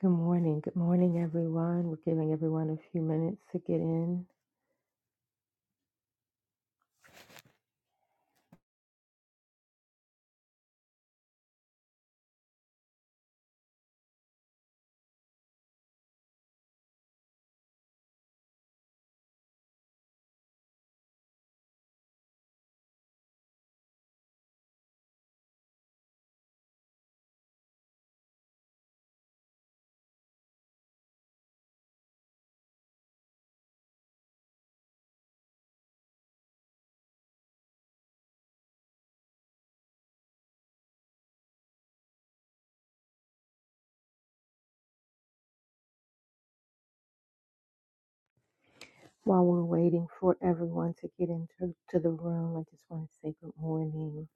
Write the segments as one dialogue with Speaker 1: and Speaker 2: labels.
Speaker 1: Good morning. Good morning, everyone. We're giving everyone a few minutes to get in. While we're waiting for everyone to get into to the room, I just want to say good morning.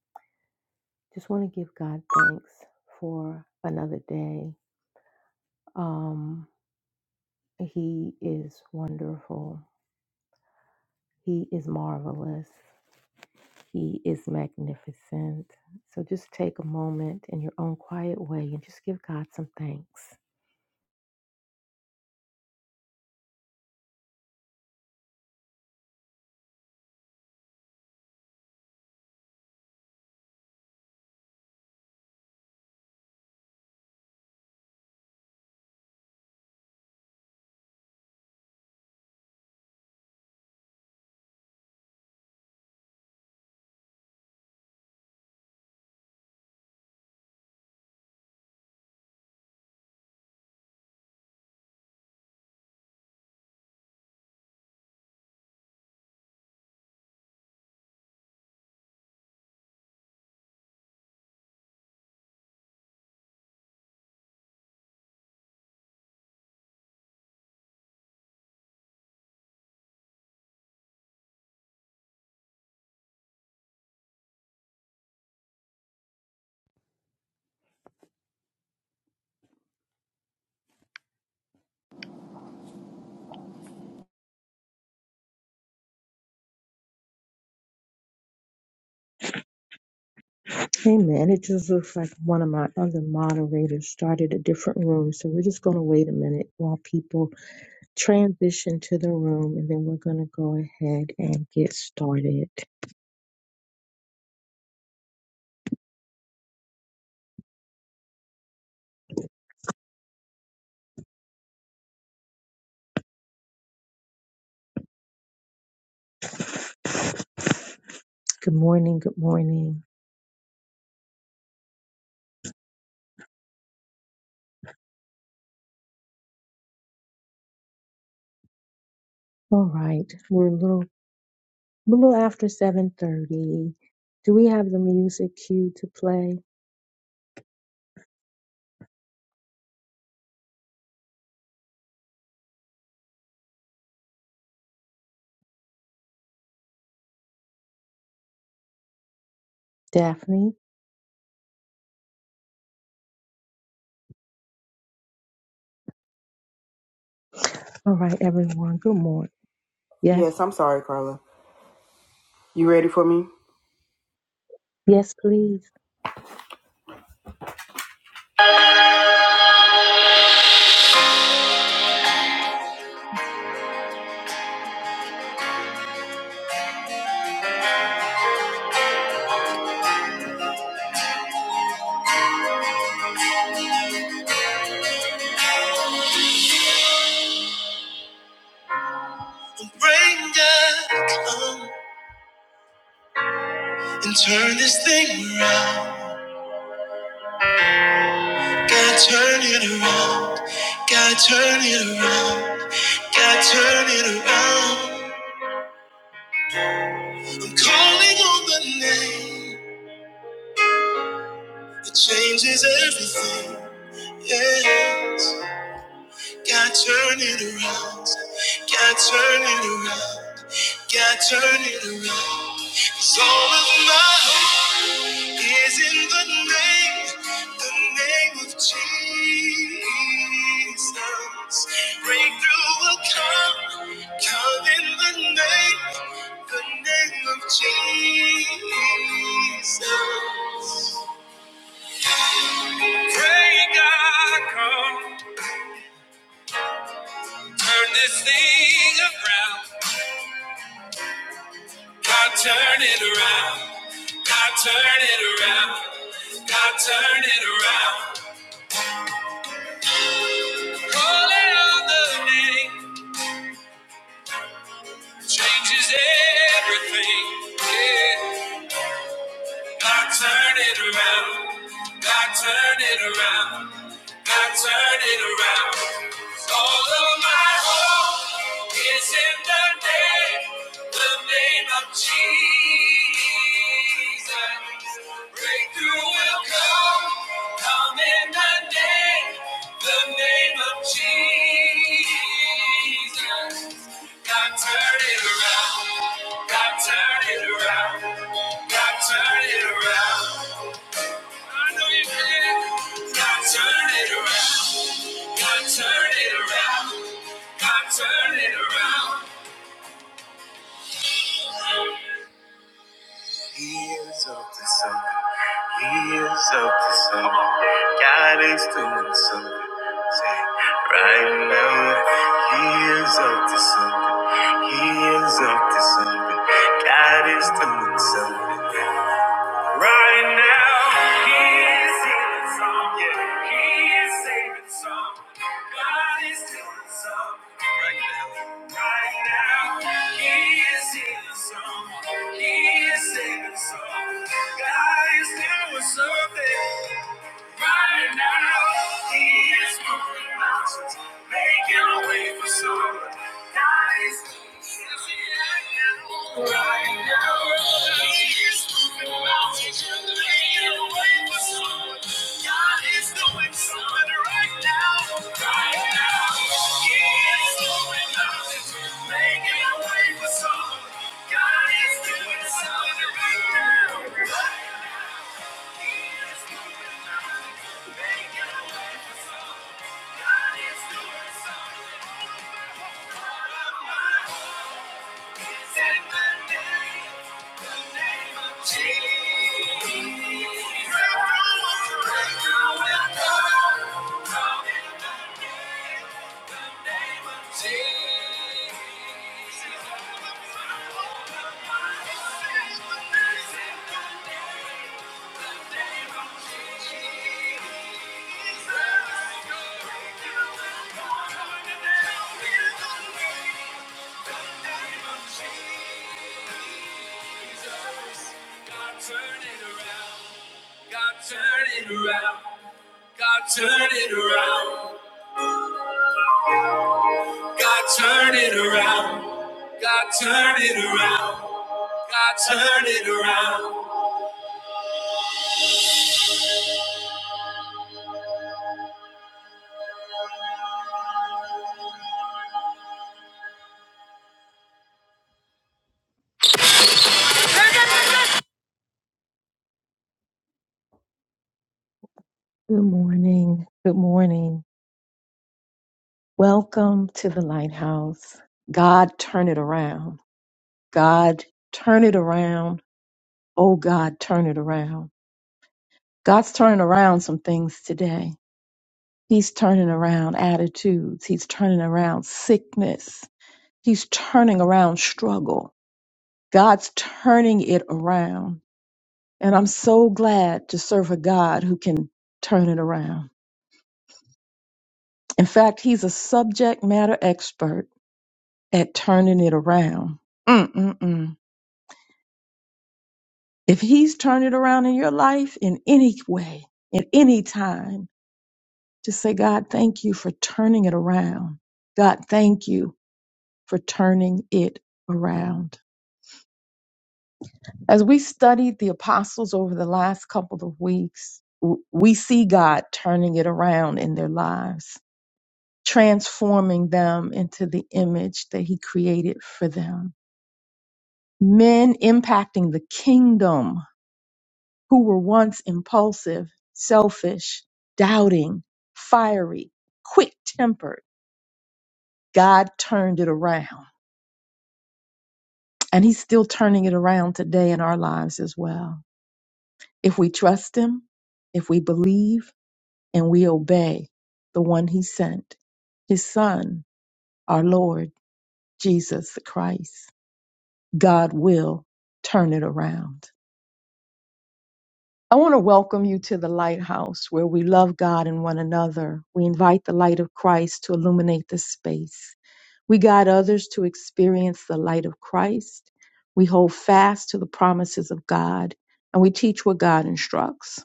Speaker 1: Just want to give God thanks for another day. Um, he is wonderful. He is marvelous. He is magnificent. So just take a moment in your own quiet way and just give God some thanks. Hey man, it just looks like one of my other moderators started a different room, so we're just going to wait a minute while people transition to the room and then we're going to go ahead and get started. Good morning, good morning. All right, we're a little a little after 7:30. Do we have the music cue to play? Daphne. All right, everyone. Good morning. Yes,
Speaker 2: Yes, I'm sorry, Carla. You ready for me?
Speaker 1: yes, please.
Speaker 2: Bring God, come and turn this thing around. God, turn it around. God, turn it around. God, turn it around. I'm calling on the name that changes everything. Yes. God turn it around. God turn it around. God turn it around. 'Cause all of my hope is in the name, the name of Jesus. Breakthrough will come, come in the name, the name of Jesus. Pray God come, turn this thing around. God turn it around. God turn it around. God turn it around. Calling on the name changes everything. Yeah. God turn it around. God turn it around. God turn it around. All of my hope is in the name, the name of Jesus. Breakthrough will come, come in the name, the name of Jesus. God turn it around. God turn it around. God turn it around. I know you can. God turn it around. God turn it around. God turn it around. He is up to something. He is up to something. God is doing something. Say, right now, he's up to something. God is doing something. Right now, he is healing some. Yeah, he is saving some. God is doing some. Right now, right now, he is healing some. He is saving some. God is doing something. Right now, he is moving mountains, making a way for some. God is moving mountains. right now. He is moving mountains, making a way for some. God is doing something right now. Right now, he is moving mountains, making a way for some. God is doing something right now. Right now. he
Speaker 1: Good morning. Good morning. Welcome to the lighthouse. God, turn it around. God, turn it around. Oh, God, turn it around. God's turning around some things today. He's turning around attitudes. He's turning around sickness. He's turning around struggle. God's turning it around. And I'm so glad to serve a God who can turn it around. In fact, he's a subject matter expert at turning it around. Mm-mm-mm. If he's turned it around in your life in any way, in any time, just say, God, thank you for turning it around. God, thank you for turning it around. As we studied the apostles over the last couple of weeks, w- we see God turning it around in their lives, transforming them into the image that He created for them. Men impacting the kingdom who were once impulsive, selfish, doubting, fiery, quick tempered. God turned it around, and He's still turning it around today in our lives as well. If we trust Him, if we believe, and we obey the one he sent, his son, our Lord Jesus the Christ. God will turn it around. I want to welcome you to the lighthouse where we love God and one another. We invite the light of Christ to illuminate this space. We guide others to experience the light of Christ. We hold fast to the promises of God and we teach what God instructs.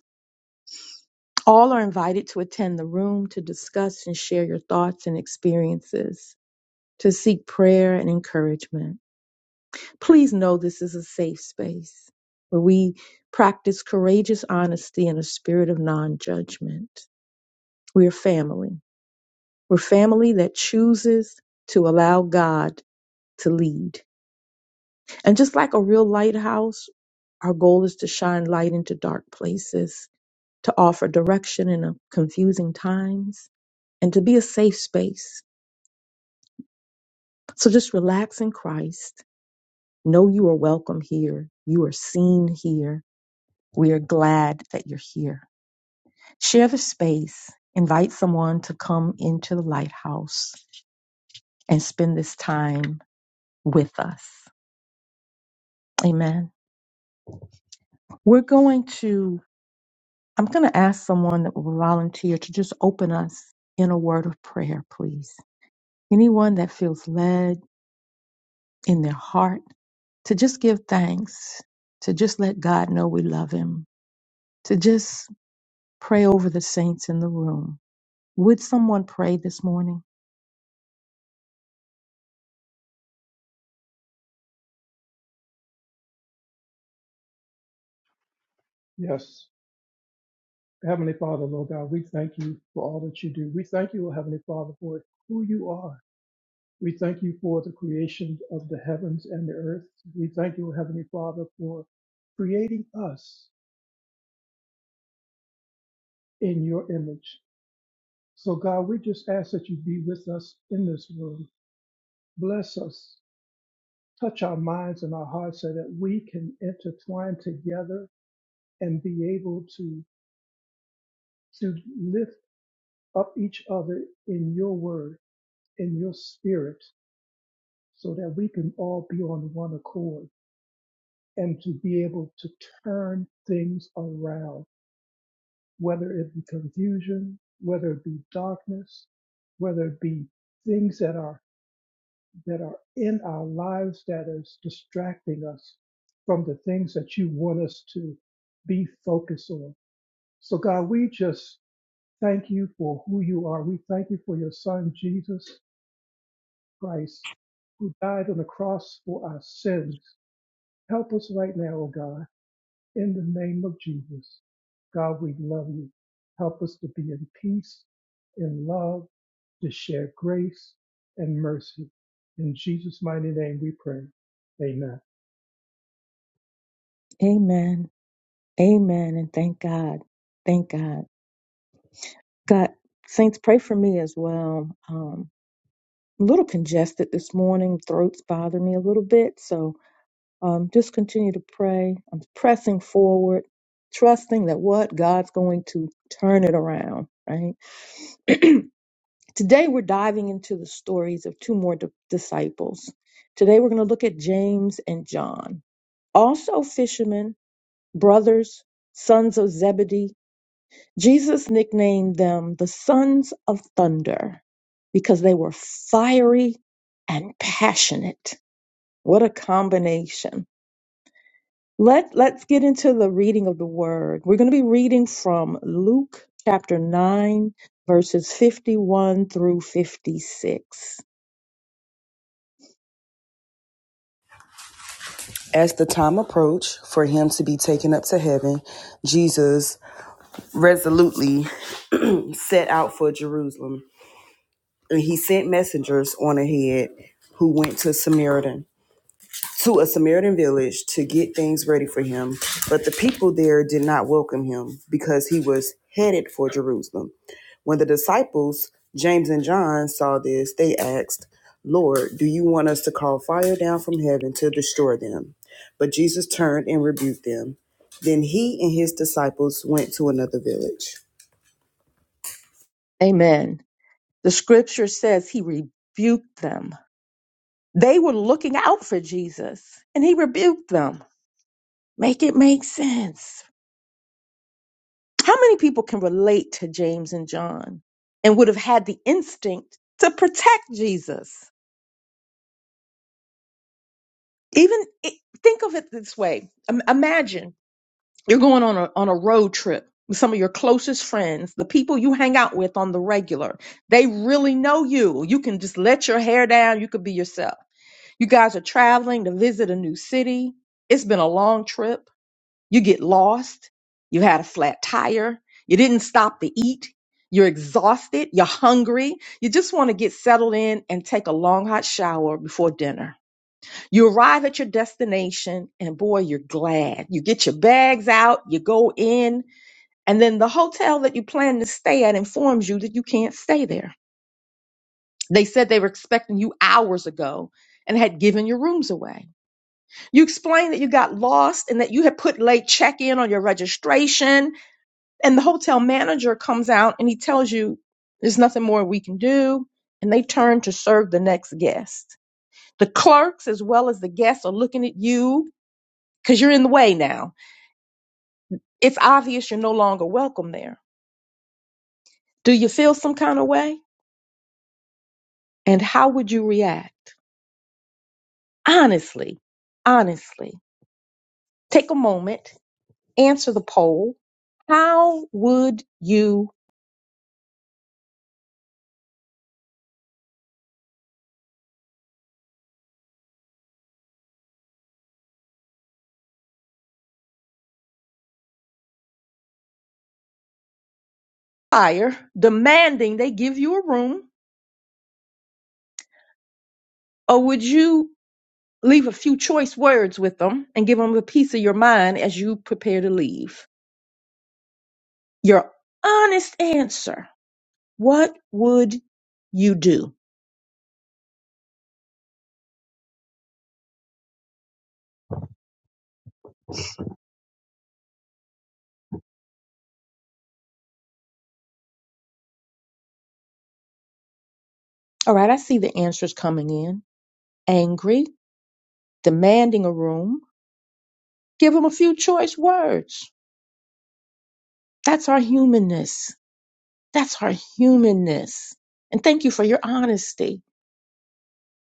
Speaker 1: All are invited to attend the room to discuss and share your thoughts and experiences. to seek prayer and encouragement. Please know this is a safe space where we practice courageous honesty and a spirit of non judgment. We're family. We're family that chooses to allow God to lead. And just like a real lighthouse, our goal is to shine light into dark places, to offer direction in a confusing times, and to be a safe space. So just relax in Christ Know you are welcome here. You are seen here. We are glad that you're here. Share the space. Invite someone to come into the lighthouse and spend this time with us. Amen. We're going to, I'm going to ask someone that will volunteer to just open us in a word of prayer, please. Anyone that feels led in their heart to just give thanks, to just let God know we love Him, to just pray over the saints in the room Would someone pray this morning?
Speaker 3: Yes. Heavenly Father, Lord God, we thank you for all that you do. We thank you, O Heavenly Father, for who you are. We thank you for the creation of the heavens and the earth. We thank you, O Heavenly Father, for creating us in your image. So, God, we just ask that you be with us in this room. Bless us. Touch our minds and our hearts so that we can intertwine together and be able to, to lift up each other in your word, in your spirit. so that we can all be on one accord and to be able to turn things around, whether it be confusion, whether it be darkness, whether it be things that are that are in our lives that is distracting us from the things that you want us to be focused on. So God, we just thank you for who you are. We thank you for your son Jesus Christ who died on the cross for our sins Help us right now, oh God, in the name of Jesus. God, we love you. Help us to be in peace, in love, to share grace and mercy. In Jesus' mighty name we pray. Amen.
Speaker 1: Amen. Amen. And thank God. Thank God. God, saints, pray for me as well. Um, a little congested this morning. Throats bother me a little bit. So um, just continue to pray. I'm pressing forward, trusting that what God's going to turn it around, right? Today, we're diving into the stories of two more di- disciples. Today, we're going to look at James and John, also fishermen brothers, sons of Zebedee. Jesus nicknamed them the sons of thunder because they were fiery and passionate. What a combination. Let, let's get into the reading of the word. We're going to be reading from Luke chapter 9, verses 51 through 56.
Speaker 2: As the time approached for him to be taken up to heaven, Jesus resolutely set out for Jerusalem. And he sent messengers on ahead who went to Samaritan to a Samaritan village to get things ready for him, but the people there did not welcome him because he was headed for Jerusalem. When the disciples, James and John, saw this, they asked, Lord, do you want us to call fire down from heaven to destroy them? But Jesus turned and rebuked them. Then he and his disciples went to another village.
Speaker 1: Amen. The scripture says he rebuked them. They were looking out for Jesus and he rebuked them. Make it make sense. How many people can relate to James and John and would have had the instinct to protect Jesus? Even i- think of it this way Im- Imagine You're going on a, on a road trip with some of your closest friends, the people you hang out with on the regular. They really know you. You can just let your hair down. You could be yourself. You guys are traveling to visit a new city. It's been a long trip. You get lost. You had a flat tire. You didn't stop to eat. You're exhausted. You're hungry. You just want to get settled in and take a long hot shower before dinner. You arrive at your destination and boy, you're glad. You get your bags out, you go in, and then the hotel that you plan to stay at informs you that you can't stay there. They said they were expecting you hours ago and had given your rooms away. You explained that you got lost and that you had put late check in on your registration. And the hotel manager comes out and he tells you there's nothing more we can do. And they turn to serve the next guest. The clerks, as well as the guests, are looking at you because you're in the way now. It's obvious you're no longer welcome there. Do you feel some kind of way? And how would you react? Honestly, honestly, take a moment, answer the poll. How would you fire, demanding they give you a room, or would you leave a few choice words with them and give them a piece of your mind as you prepare to leave? Your honest answer. What would you do? All right, I see the answers coming in. angry, demanding a room, give them a few choice words. That's our humanness. That's our humanness. And thank you for your honesty.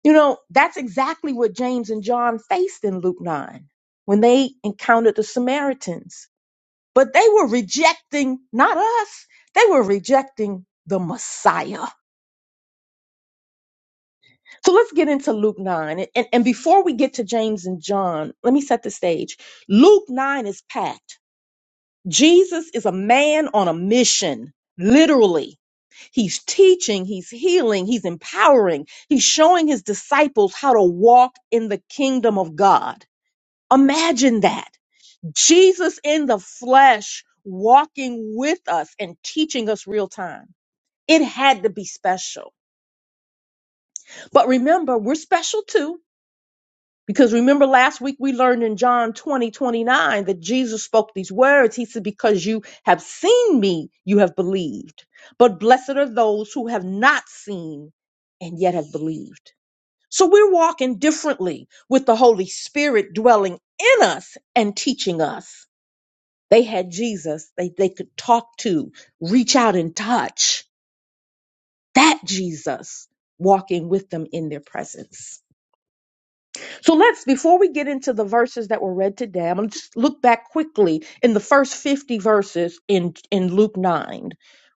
Speaker 1: You know, that's exactly what James and John faced in Luke 9 when they encountered the Samaritans. But they were rejecting not us, they were rejecting the Messiah. So let's get into Luke 9. And, and before we get to James and John, let me set the stage. Luke 9 is packed Jesus is a man on a mission. Literally, he's teaching, he's healing, he's empowering, he's showing his disciples how to walk in the kingdom of God. Imagine that. Jesus in the flesh walking with us and teaching us real time. It had to be special. But remember, we're special too Because remember last week we learned in John 20 29 that Jesus spoke these words. He said, Because you have seen me, you have believed. But blessed are those who have not seen and yet have believed. So we're walking differently with the Holy Spirit dwelling in us and teaching us. They had Jesus they, they could talk to, reach out and touch. That Jesus walking with them in their presence. So let's, before we get into the verses that were read today, I'm going to just look back quickly in the first 50 verses in, in Luke 9.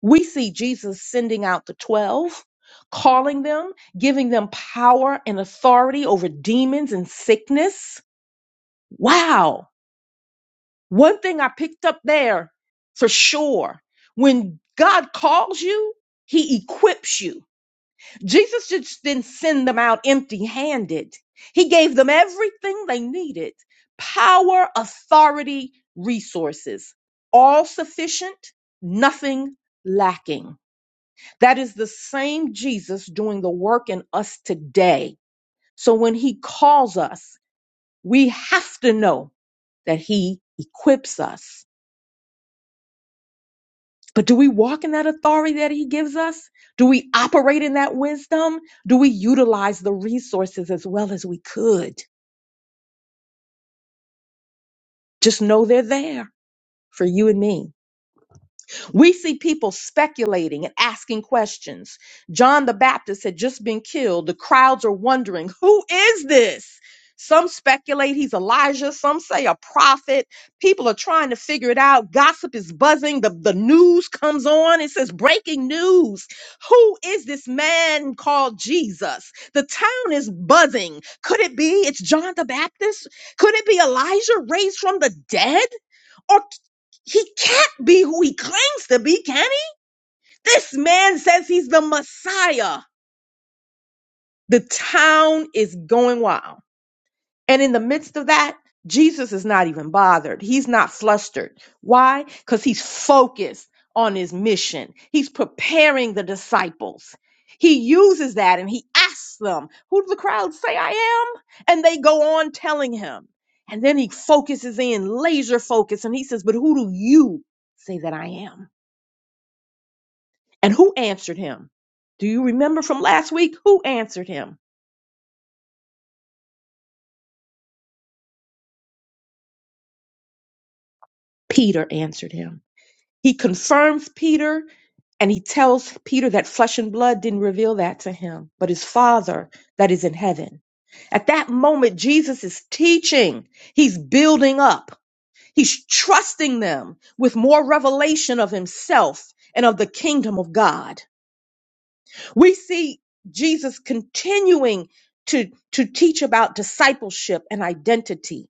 Speaker 1: We see Jesus sending out the 12, calling them, giving them power and authority over demons and sickness. Wow. One thing I picked up there for sure when God calls you, he equips you. Jesus just didn't send them out empty handed. He gave them everything they needed power, authority, resources, all sufficient, nothing lacking. That is the same Jesus doing the work in us today. So when he calls us, we have to know that he equips us But do we walk in that authority that he gives us? Do we operate in that wisdom? Do we utilize the resources as well as we could? Just know they're there for you and me. We see people speculating and asking questions. John the Baptist had just been killed. The crowds are wondering, who is this? Some speculate he's Elijah, some say a prophet. People are trying to figure it out. Gossip is buzzing. The, the news comes on. It says breaking news. Who is this man called Jesus? The town is buzzing. Could it be it's John the Baptist? Could it be Elijah raised from the dead? He can't be who he claims to be, can he? This man says he's the Messiah. The town is going wild. And in the midst of that, Jesus is not even bothered. He's not flustered. Why? Because he's focused on his mission. He's preparing the disciples. He uses that and he asks them, Who do the crowd say I am? And they go on telling him. And then he focuses in, laser focus, and he says, But who do you say that I am? And who answered him? Do you remember from last week? Who answered him? Peter answered him. He confirms Peter and he tells Peter that flesh and blood didn't reveal that to him, but his Father that is in heaven. At that moment, Jesus is teaching, he's building up, he's trusting them with more revelation of himself and of the kingdom of God. We see Jesus continuing to, to teach about discipleship and identity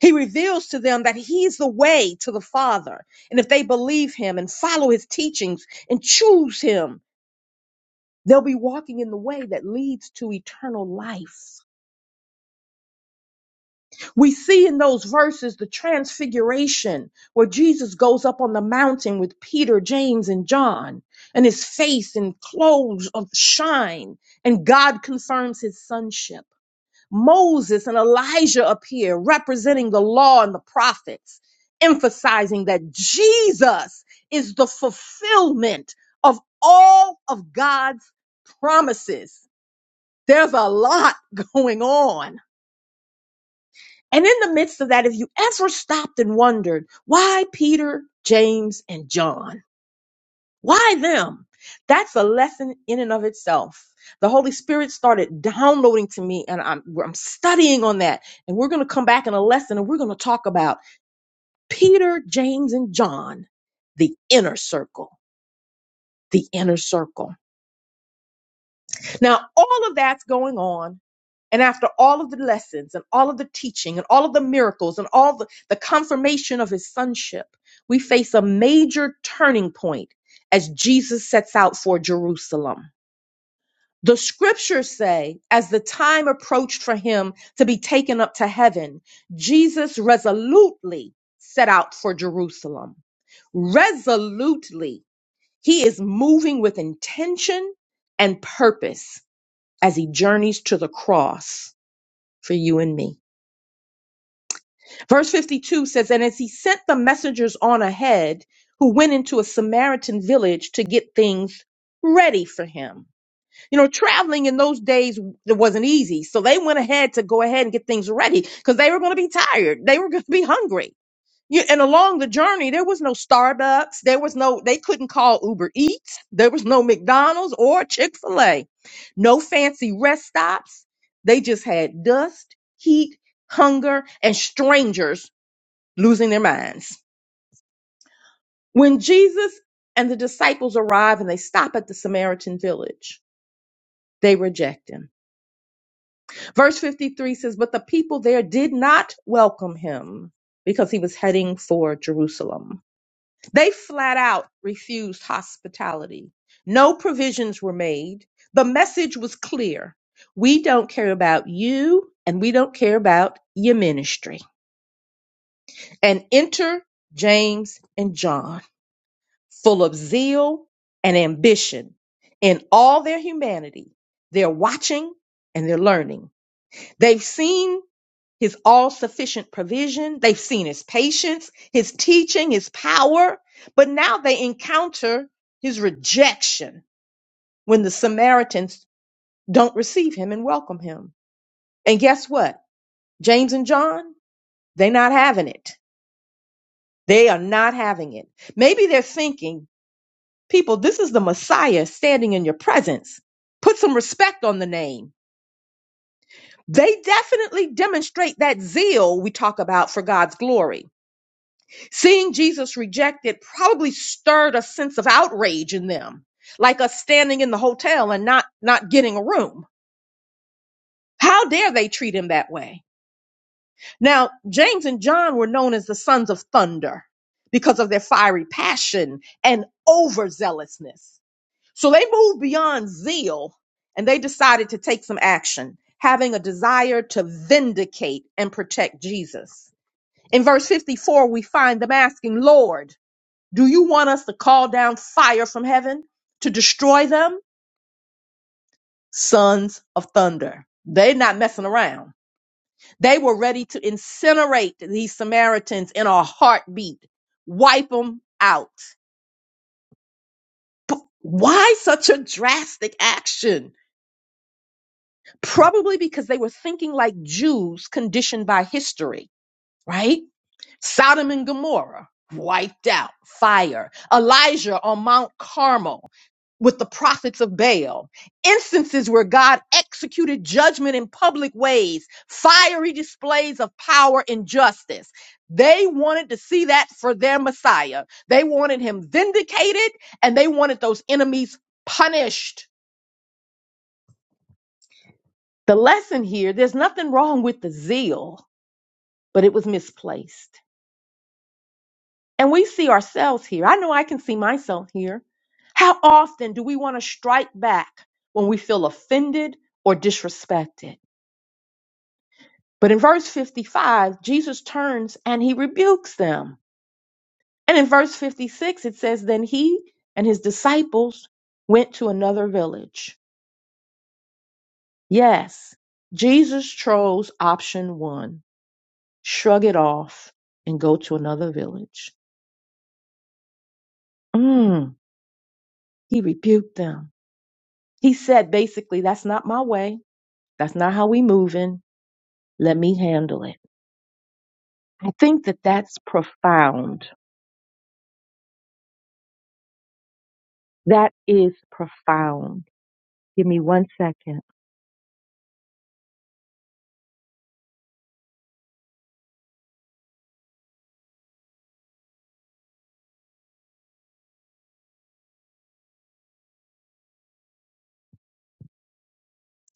Speaker 1: He reveals to them that he's the way to the Father. And if they believe him and follow his teachings and choose him, they'll be walking in the way that leads to eternal life. We see in those verses the transfiguration where Jesus goes up on the mountain with Peter, James, and John, and his face and clothes of shine, and God confirms his sonship. Moses and Elijah appear representing the law and the prophets, emphasizing that Jesus is the fulfillment of all of God's promises. There's a lot going on. And in the midst of that, if you ever stopped and wondered why Peter, James, and John? Why them? That's a lesson in and of itself. The Holy Spirit started downloading to me, and I'm, I'm studying on that. And we're going to come back in a lesson and we're going to talk about Peter, James, and John, the inner circle. The inner circle. Now, all of that's going on. And after all of the lessons and all of the teaching and all of the miracles and all the, the confirmation of his sonship, we face a major turning point as Jesus sets out for Jerusalem. The scriptures say, as the time approached for him to be taken up to heaven, Jesus resolutely set out for Jerusalem. Resolutely, he is moving with intention and purpose as he journeys to the cross for you and me. Verse 52 says, And as he sent the messengers on ahead, who went into a Samaritan village to get things ready for him. You know, traveling in those days it wasn't easy. So they went ahead to go ahead and get things ready because they were going to be tired. They were going to be hungry. You, and along the journey, there was no Starbucks. There was no, they couldn't call Uber Eats. There was no McDonald's or Chick fil A. No fancy rest stops. They just had dust, heat, hunger, and strangers losing their minds. When Jesus and the disciples arrive and they stop at the Samaritan village, they reject him. Verse 53 says, But the people there did not welcome him because he was heading for Jerusalem. They flat out refused hospitality. No provisions were made. The message was clear. We don't care about you and we don't care about your ministry. And enter James and John, full of zeal and ambition. In all their humanity, they're watching and they're learning. They've seen his all sufficient provision. They've seen his patience, his teaching, his power, but now they encounter his rejection when the Samaritans don't receive him and welcome him. And guess what? James and John, they're not having it. They are not having it. Maybe they're thinking, people, this is the Messiah standing in your presence. Put some respect on the name. They definitely demonstrate that zeal we talk about for God's glory Seeing Jesus rejected probably stirred a sense of outrage in them, like us standing in the hotel and not, not getting a room. How dare they treat him that way? Now, James and John were known as the sons of thunder because of their fiery passion and overzealousness. So they moved beyond zeal and they decided to take some action, having a desire to vindicate and protect Jesus. In verse 54, we find them asking, Lord, Do you want us to call down fire from heaven to destroy them? Sons of thunder. They're not messing around. They were ready to incinerate these Samaritans in a heartbeat, wipe them out. But why such a drastic action? Probably because they were thinking like Jews conditioned by history, right? Sodom and Gomorrah wiped out, fire. Elijah on Mount Carmel with the prophets of Baal, instances where God executed judgment in public ways, fiery displays of power and justice. They wanted to see that for their Messiah. They wanted him vindicated and they wanted those enemies punished. The lesson here there's nothing wrong with the zeal, but it was misplaced. And we see ourselves here. I know I can see myself here. How often do we want to strike back when we feel offended or disrespected? But in verse 55, Jesus turns and he rebukes them. And in verse 56, it says, Then he and his disciples went to another village. Yes, Jesus chose option one shrug it off and go to another village. Mm, he rebuked them. He said, basically, that's not my way. That's not how we moving. Let me handle it. I think that that's profound. That is profound. Give me one second.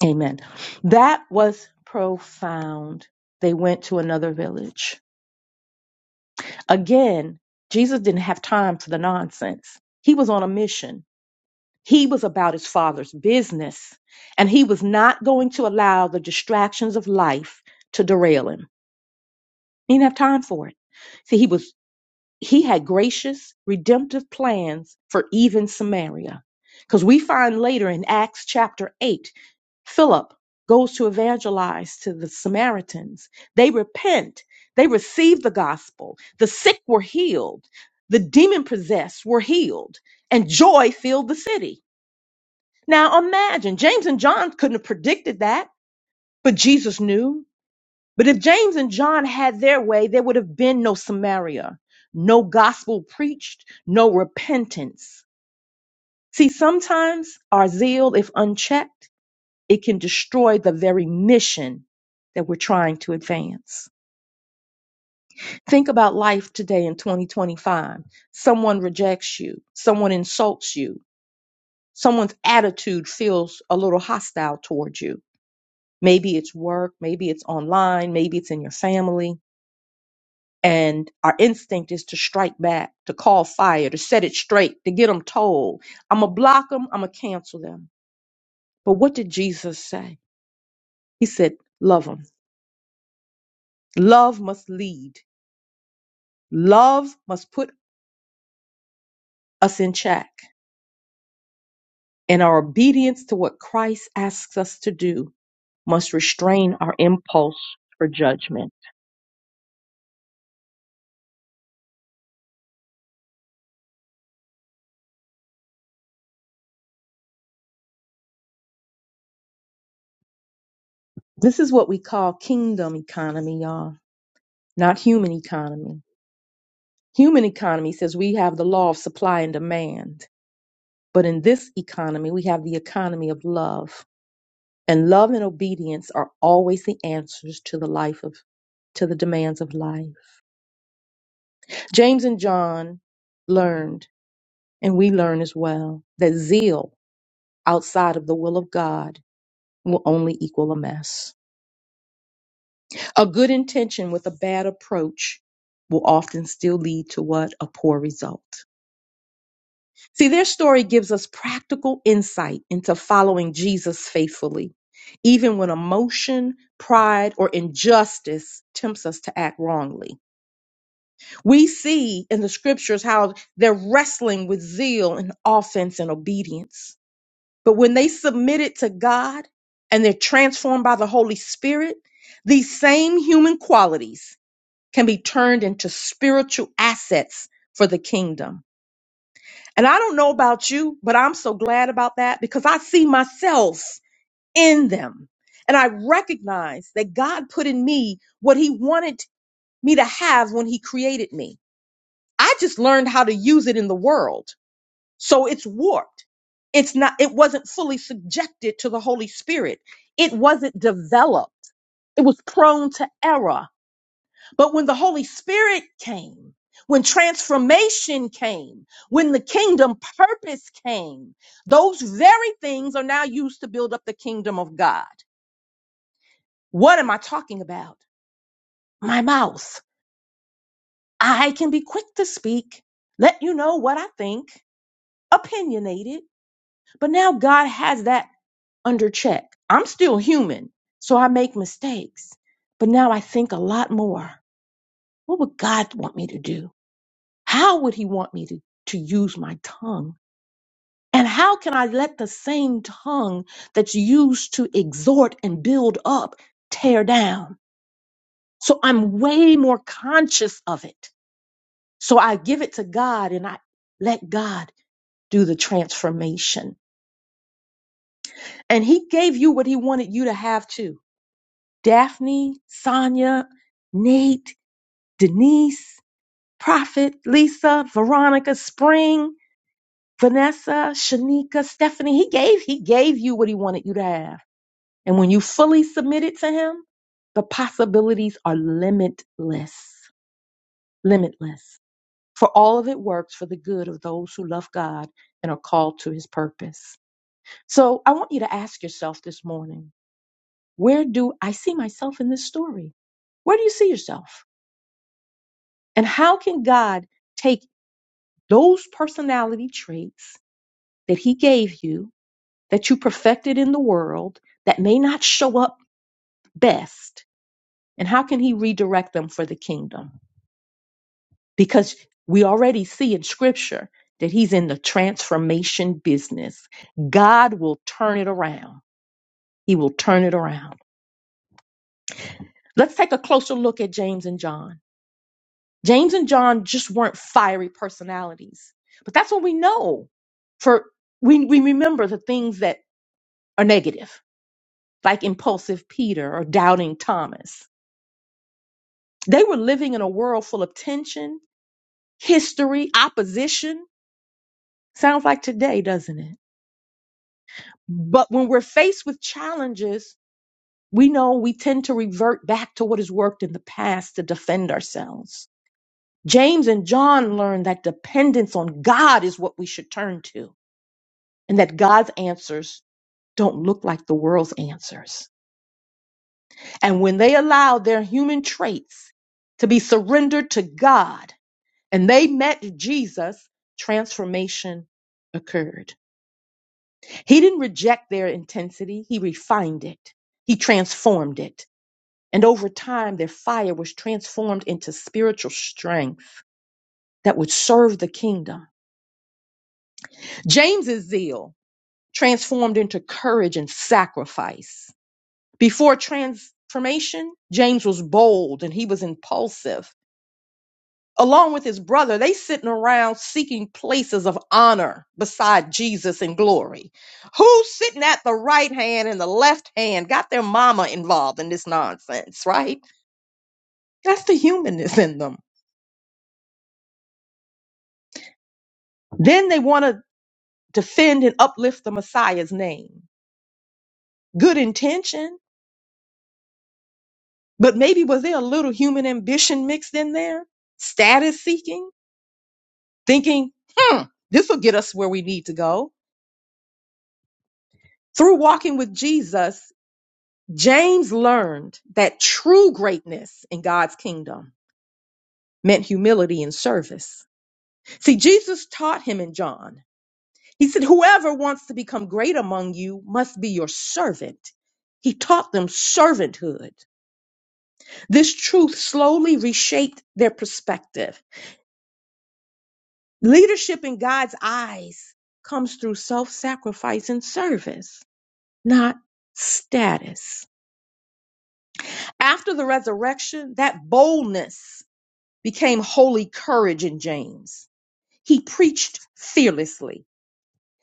Speaker 1: Amen. That was profound. They went to another village. Again, Jesus didn't have time for the nonsense. He was on a mission. He was about his father's business, and he was not going to allow the distractions of life to derail him. He didn't have time for it. See, he was he had gracious, redemptive plans for even Samaria. Because we find later in Acts chapter 8, Philip goes to evangelize to the Samaritans. They repent, they receive the gospel, the sick were healed, the demon possessed were healed, and joy filled the city. Now imagine, James and John couldn't have predicted that, but Jesus knew. But if James and John had their way, there would have been no Samaria, no gospel preached, no repentance. See, sometimes our zeal, if unchecked, it can destroy the very mission that we're trying to advance. Think about life today in 2025. Someone rejects you, someone insults you, someone's attitude feels a little hostile towards you. Maybe it's work, maybe it's online, maybe it's in your family. and our instinct is to strike back, to call fire, to set it straight, to get them told. I'm going to block them, I'm going to cancel them. But what did Jesus say? He said, Love them. Love must lead, love must put us in check. And our obedience to what Christ asks us to do must restrain our impulse for judgment. This is what we call kingdom economy, y'all, not human economy. Human economy says we have the law of supply and demand But in this economy, we have the economy of love. And love and obedience are always the answers to the life of to the demands of life. James and John learned, and we learn as well, that zeal outside of the will of God will only equal a mess. A good intention with a bad approach will often still lead to what? A poor result. See, their story gives us practical insight into following Jesus faithfully, even when emotion, pride, or injustice tempts us to act wrongly. We see in the scriptures how they're wrestling with zeal and offense and obedience. But when they submit it to God and they're transformed by the Holy Spirit, these same human qualities can be turned into spiritual assets for the kingdom. And I don't know about you, but I'm so glad about that because I see myself in them. And I recognize that God put in me what he wanted me to have when he created me. I just learned how to use it in the world. So it's warped. It's not, it wasn't fully subjected to the Holy Spirit. It wasn't developed. It was prone to error. But when the Holy Spirit came, when transformation came, when the kingdom purpose came, those very things are now used to build up the kingdom of God. What am I talking about? My mouth. I can be quick to speak, let you know what I think, opinionated, but now God has that under check. I'm still human, so I make mistakes, but now I think a lot more. What would God want me to do? How would he want me to, to use my tongue? And how can I let the same tongue that's used to exhort and build up tear down? So I'm way more conscious of it. So I give it to God and I let God do the transformation. And he gave you what he wanted you to have too. Daphne, Sonia, Nate, Denise, Prophet, Lisa, Veronica, Spring, Vanessa, Shanika, Stephanie, he gave, he gave you what he wanted you to have. And when you fully submitted to him, the possibilities are limitless, limitless. For all of it works for the good of those who love God and are called to his purpose. So I want you to ask yourself this morning, where do I see myself in this story? Where do you see yourself? And how can God take those personality traits that he gave you that you perfected in the world that may not show up best? And how can he redirect them for the kingdom? Because we already see in scripture that he's in the transformation business. God will turn it around. He will turn it around. Let's take a closer look at James and John. James and John just weren't fiery personalities, but that's what we know. For we, we remember the things that are negative, like impulsive Peter or doubting Thomas They were living in a world full of tension, history, opposition. Sounds like today, doesn't it? But when we're faced with challenges, we know we tend to revert back to what has worked in the past to defend ourselves. James and John learned that dependence on God is what we should turn to, and that God's answers don't look like the world's answers. And when they allowed their human traits to be surrendered to God, and they met Jesus, transformation occurred. He didn't reject their intensity, he refined it, he transformed it. And over time, their fire was transformed into spiritual strength that would serve the kingdom. James's zeal transformed into courage and sacrifice. Before transformation, James was bold and he was impulsive. along with his brother, they sitting around seeking places of honor beside Jesus in glory. Who's sitting at the right hand and the left hand got their mama involved in this nonsense, right? That's the humanness in them. Then they want to defend and uplift the Messiah's name. Good intention, but maybe was there a little human ambition mixed in there? Status seeking, thinking, hmm, this will get us where we need to go. Through walking with Jesus, James learned that true greatness in God's kingdom meant humility and service. See, Jesus taught him in John. He said, Whoever wants to become great among you must be your servant. He taught them servanthood. This truth slowly reshaped their perspective. Leadership in God's eyes comes through self sacrifice and service, not status. After the resurrection, that boldness became holy courage in James. He preached fearlessly.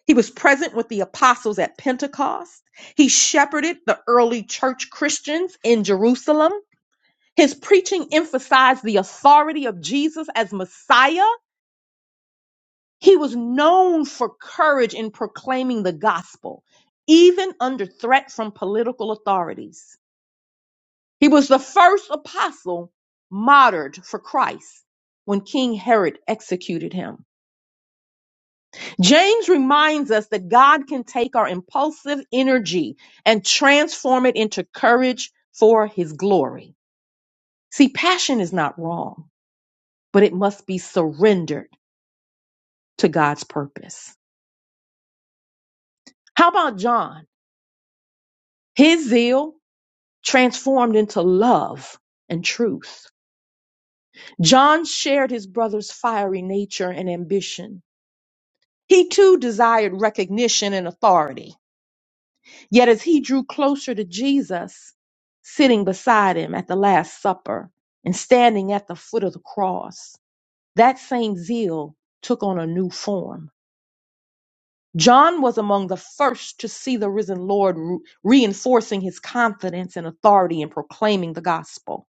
Speaker 1: He was present with the apostles at Pentecost. He shepherded the early church Christians in Jerusalem. His preaching emphasized the authority of Jesus as Messiah. He was known for courage in proclaiming the gospel, even under threat from political authorities. He was the first apostle martyred for Christ when King Herod executed him. James reminds us that God can take our impulsive energy and transform it into courage for his glory. See, passion is not wrong, but it must be surrendered to God's purpose. How about John? His zeal transformed into love and truth. John shared his brother's fiery nature and ambition. He too desired recognition and authority. Yet as he drew closer to Jesus, sitting beside him at the Last Supper and standing at the foot of the cross, that same zeal took on a new form. John was among the first to see the risen Lord re- reinforcing his confidence and authority in proclaiming the gospel.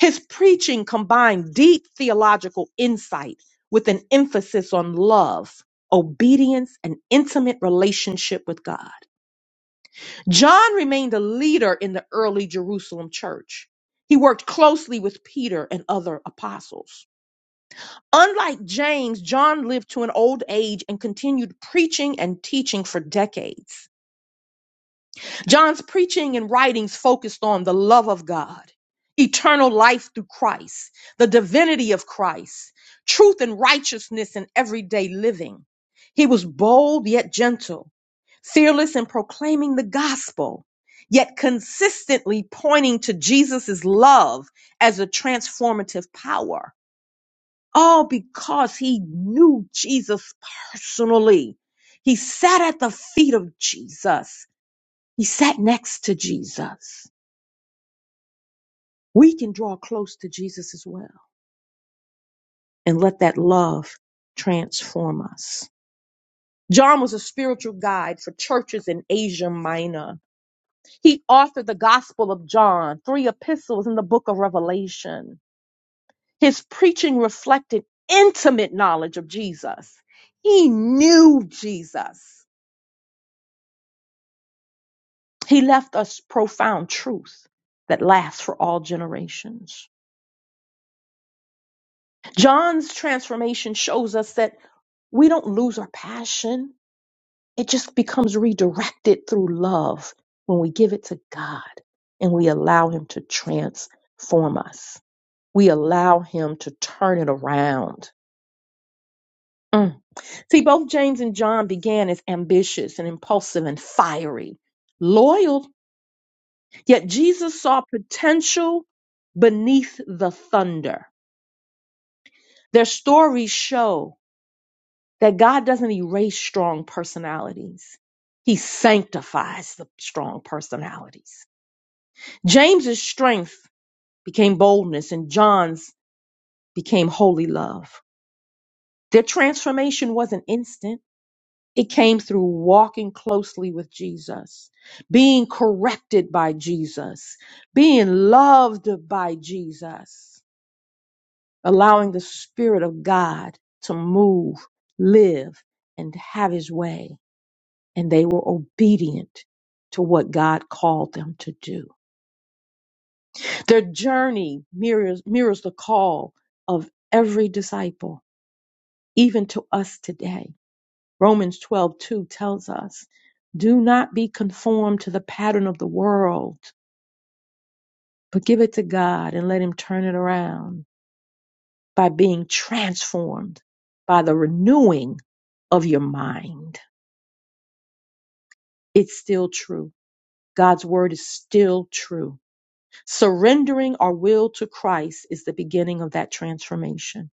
Speaker 1: His preaching combined deep theological insight with an emphasis on love, obedience, and intimate relationship with God. John remained a leader in the early Jerusalem church. He worked closely with Peter and other apostles. Unlike James, John lived to an old age and continued preaching and teaching for decades. John's preaching and writings focused on the love of God, eternal life through Christ, the divinity of Christ, truth and righteousness in everyday living. He was bold yet gentle fearless in proclaiming the gospel, yet consistently pointing to Jesus' love as a transformative power, all because he knew Jesus personally. He sat at the feet of Jesus. He sat next to Jesus. We can draw close to Jesus as well and let that love transform us. John was a spiritual guide for churches in Asia Minor He authored the Gospel of John, three epistles in the book of Revelation. His preaching reflected intimate knowledge of Jesus. He knew Jesus. He left us profound truth that lasts for all generations. John's transformation shows us that we don't lose our passion, it just becomes redirected through love when we give it to God and we allow Him to transform us. we allow him to turn it around. Mm. See, both James and John began as ambitious and impulsive and fiery, loyal, yet Jesus saw potential beneath the thunder. Their stories show that God doesn't erase strong personalities. He sanctifies the strong personalities. James's strength became boldness and John's became holy love. Their transformation wasn't instant It came through walking closely with Jesus, being corrected by Jesus, being loved by Jesus, allowing the Spirit of God to move, live, and have His way. And they were obedient to what God called them to do. Their journey mirrors, mirrors the call of every disciple, even to us today Romans twelve two tells us, do not be conformed to the pattern of the world, but give it to God and let Him turn it around by being transformed by the renewing of your mind. It's still true. God's word is still true. Surrendering our will to Christ is the beginning of that transformation.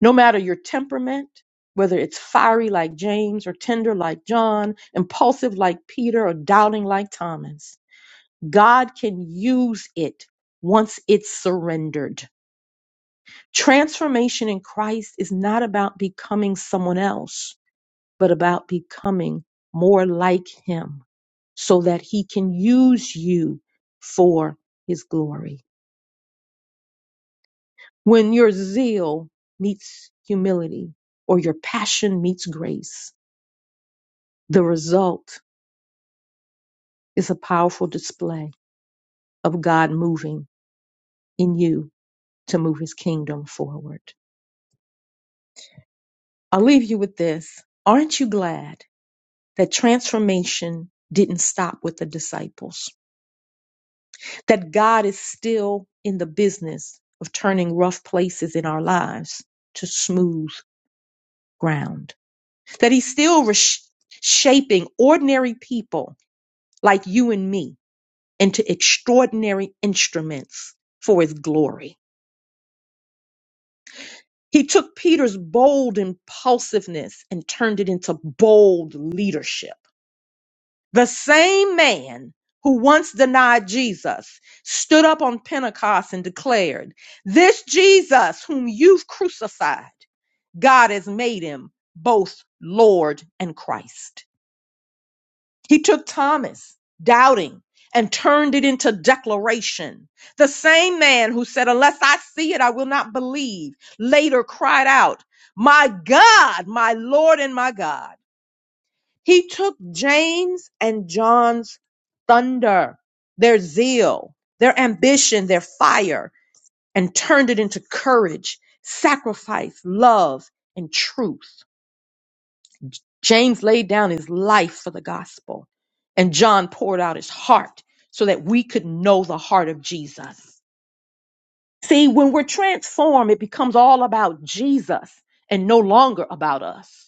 Speaker 1: No matter your temperament, whether it's fiery like James or tender like John, impulsive like Peter or doubting like Thomas, God can use it once it's surrendered. Transformation in Christ is not about becoming someone else, but about becoming more like Him so that He can use you for His glory. When your zeal meets humility or your passion meets grace, the result is a powerful display of God moving in you to move His kingdom forward. I'll leave you with this. Aren't you glad that transformation didn't stop with the disciples? That God is still in the business of turning rough places in our lives to smooth ground. That He's still resh- shaping ordinary people like you and me into extraordinary instruments for His glory. He took Peter's bold impulsiveness and turned it into bold leadership The same man who once denied Jesus stood up on Pentecost and declared, This Jesus whom you've crucified, God has made him both Lord and Christ. He took Thomas, doubting, and turned it into declaration. The same man who said, Unless I see it, I will not believe, later cried out, My God, my Lord, and my God. He took James and John's thunder, their zeal, their ambition, their fire, and turned it into courage, sacrifice, love, and truth. James laid down his life for the gospel, and John poured out his heart so that we could know the heart of Jesus. See, when we're transformed, it becomes all about Jesus and no longer about us.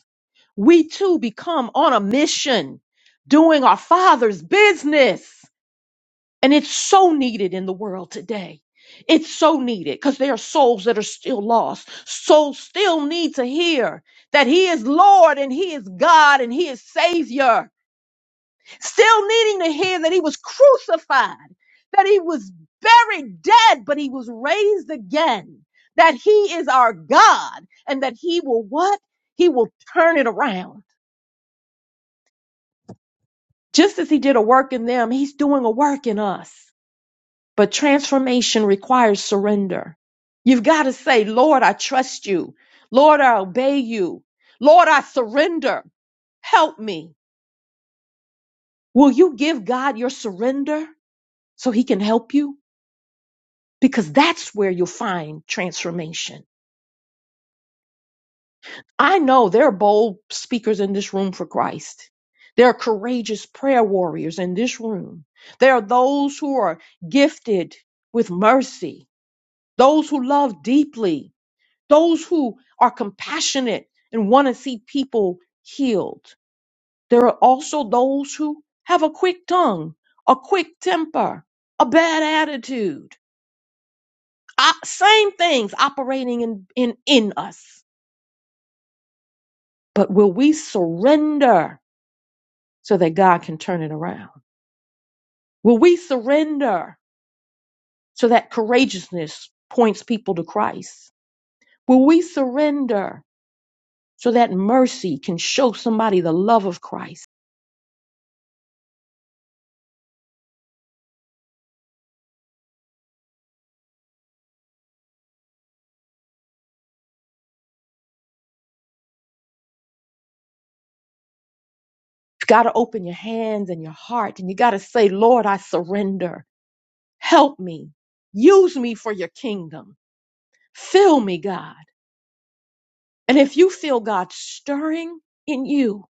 Speaker 1: we too become on a mission doing our father's business. And it's so needed in the world today. It's so needed because there are souls that are still lost. Souls still need to hear that he is Lord and he is God and he is Savior. Still needing to hear that he was crucified, that he was buried dead, but he was raised again, that he is our God and that he will what? He will turn it around Just as he did a work in them, he's doing a work in us. But transformation requires surrender. You've got to say, Lord, I trust you. Lord, I obey you. Lord, I surrender. Help me. Will you give God your surrender so he can help you? Because that's where you'll find transformation. I know there are bold speakers in this room for Christ. There are courageous prayer warriors in this room. There are those who are gifted with mercy those who love deeply, those who are compassionate and want to see people healed. There are also those who have a quick tongue, a quick temper, a bad attitude. Uh, same things operating in, in, in us. But will we surrender so that God can turn it around? Will we surrender so that courageousness points people to Christ? Will we surrender so that mercy can show somebody the love of Christ. You've got to open your hands and your heart and you got to say, Lord, I surrender. Help me. Use me for your kingdom. Fill me, God. And if you feel God stirring in you,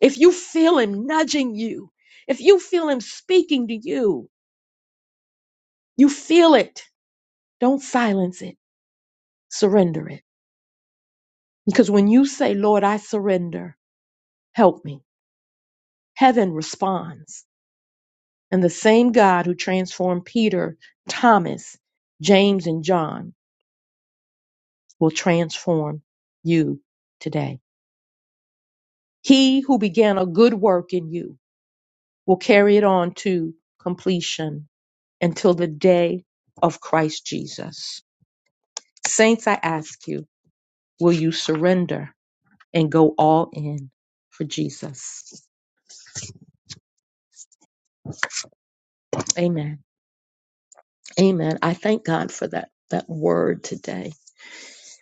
Speaker 1: if you feel Him nudging you, if you feel Him speaking to you, you feel it. Don't silence it. Surrender it. Because when you say, Lord, I surrender, help me, heaven responds And the same God who transformed Peter, Thomas, James, and John will transform you today. He who began a good work in you will carry it on to completion until the day of Christ Jesus. Saints, I ask you, will you surrender and go all in for Jesus? Amen. Amen. I thank God for that, that word today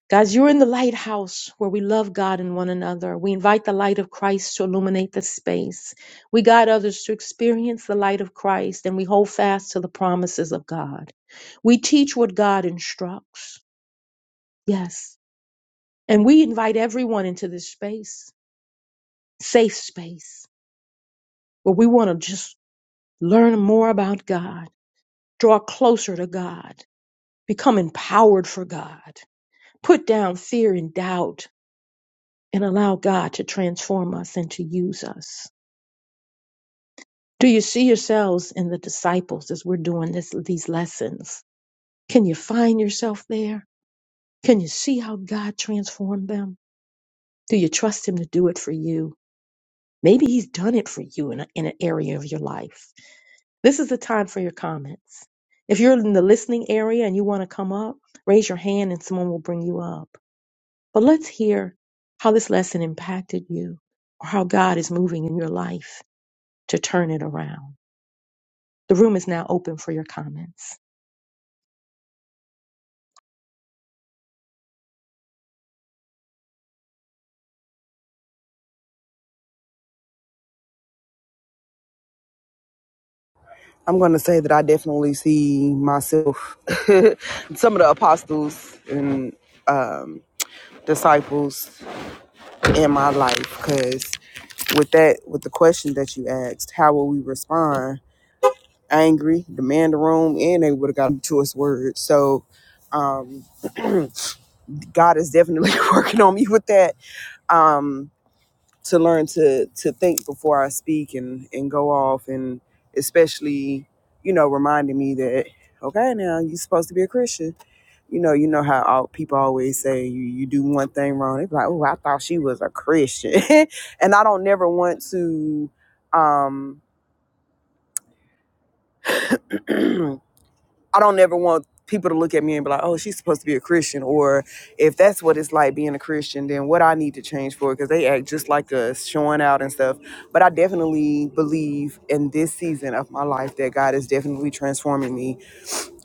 Speaker 1: God, you're in the lighthouse where we love God and one another. We invite the light of Christ to illuminate the space. We guide others to experience the light of Christ and we hold fast to the promises of God. We teach what God instructs. Yes. And we invite everyone into this space, safe space, where we want to just learn more about God, draw closer to God, become empowered for God, put down fear and doubt and allow God to transform us and to use us. Do you see yourselves in the disciples as we're doing this, these lessons? Can you find yourself there? Can you see how God transformed them? Do you trust Him to do it for you? Maybe He's done it for you in, a, in an area of your life. This is the time for your comments. If you're in the listening area and you want to come up, raise your hand and someone will bring you up. But let's hear how this lesson impacted you or how God is moving in your life to turn it around. The room is now open for your comments.
Speaker 2: I'm going to say that I definitely see myself, some of the apostles and um, disciples in my life because with that with the question that you asked how will we respond angry demand a room and they would have gotten to us words so um god is definitely working on me with that um to learn to to think before i speak and and go off and especially you know reminding me that okay now you're supposed to be a christian you know, you know how all, people always say you, you do one thing wrong. It's like, oh, I thought she was a Christian, and I don't never want to, um, I don't never want people to look at me and be like, oh, she's supposed to be a Christian, or if that's what it's like being a Christian, then what I need to change for because they act just like us, showing out and stuff. But I definitely believe in this season of my life that God is definitely transforming me,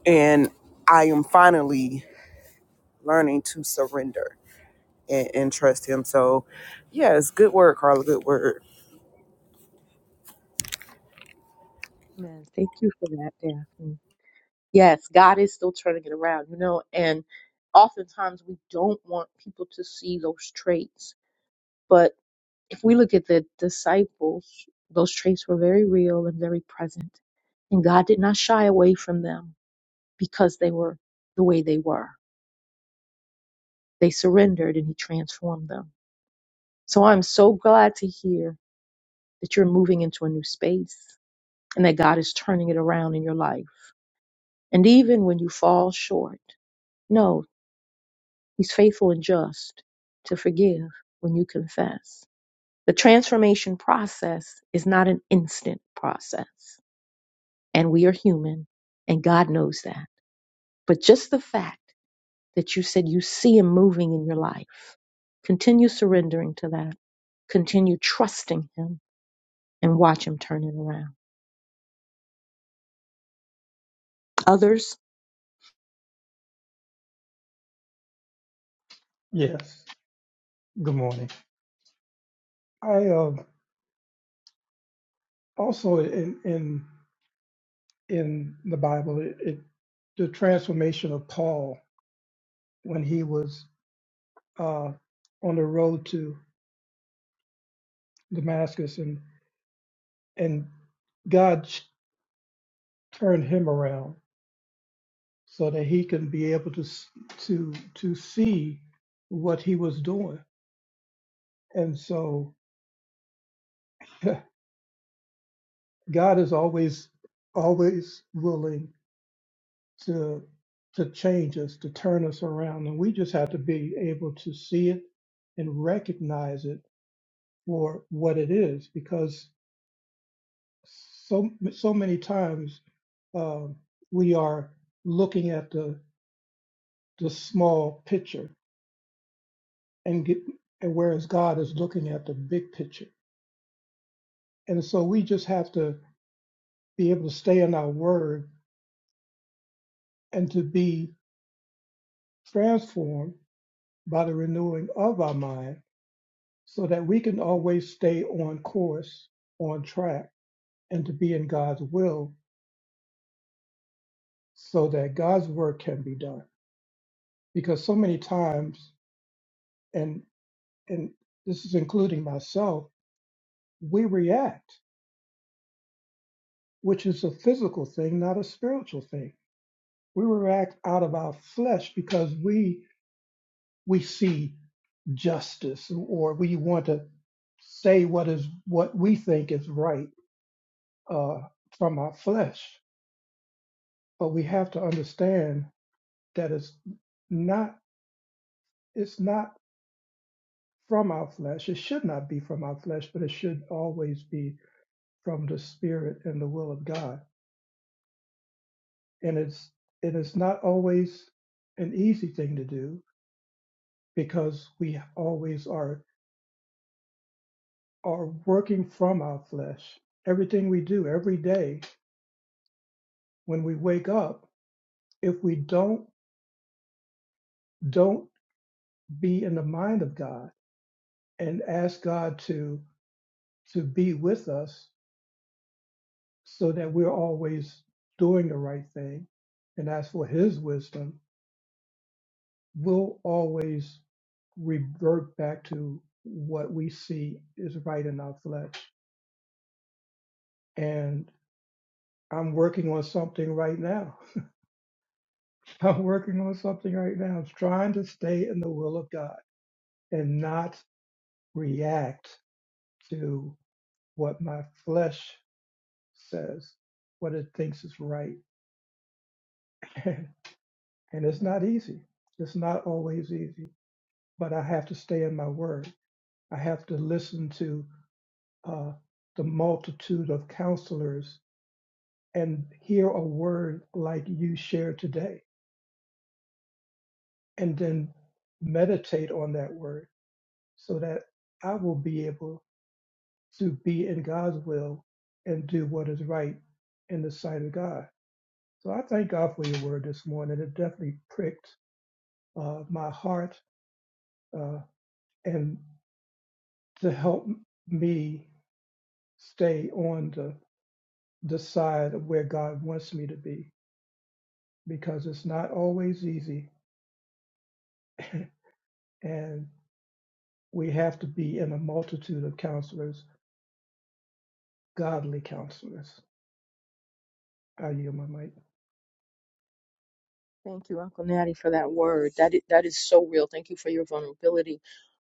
Speaker 2: and I am finally learning to surrender and, and trust him. So, yes, good word, Carla. Good word.
Speaker 1: Amen. Thank you for that, Daphne. Yes, God is still turning it around, you know, and oftentimes we don't want people to see those traits. But if we look at the disciples, those traits were very real and very present. And God did not shy away from them because they were the way they were. They surrendered and He transformed them. So I'm so glad to hear. that you're moving into a new space and that God is turning it around in your life. And even when you fall short, no, He's faithful and just to forgive when you confess. The transformation process is not an instant process, and we are human, and God knows that. But just the fact that you said you see Him moving in your life, continue surrendering to that, continue trusting Him, and watch Him turn it around. Others,
Speaker 3: Yes. Good morning. I uh, also in in in the Bible it, it the transformation of Paul when he was uh, on the road to Damascus and and God turned him around so that he can be able to s- to to see what he was doing. And so God is always always willing to to change us, to turn us around, and we just have to be able to see it and recognize it for what it is, because so so many times um, we are looking at the the small picture and get, and whereas God is looking at the big picture And so we just have to be able to stay in our word and to be transformed by the renewing of our mind so that we can always stay on course, on track, and to be in God's will so that God's work can be done. Because so many times, and and this is including myself, we react, which is a physical thing, not a spiritual thing. We react out of our flesh because we we see justice or we want to say what is what we think is right uh, from our flesh but we have to understand that it's not it's not from our flesh it should not be from our flesh but it should always be from the spirit and the will of god and it's it is not always an easy thing to do because we always are are working from our flesh everything we do every day when we wake up if we don't don't be in the mind of God and ask God to to be with us so that we're always doing the right thing and ask for his wisdom, we'll always revert back to what we see is right in our flesh. And I'm working on something right now. I'm working on something right now. I'm trying to stay in the will of God and not react to what my flesh says what it thinks is right. and it's not easy. It's not always easy, but I have to stay in my word. I have to listen to uh, the multitude of counselors and hear a word like you shared today, and then meditate on that word so that I will be able to be in God's will and do what is right in the sight of God. So I thank God for your word this morning. It definitely pricked uh, my heart uh, and to help me stay on the, the side of where God wants me to be because it's not always easy. And we have to be in a multitude of counselors, godly counselors. I yield my
Speaker 1: Thank you, Uncle Natty, for that word. That is, that is so real. Thank you for your vulnerability.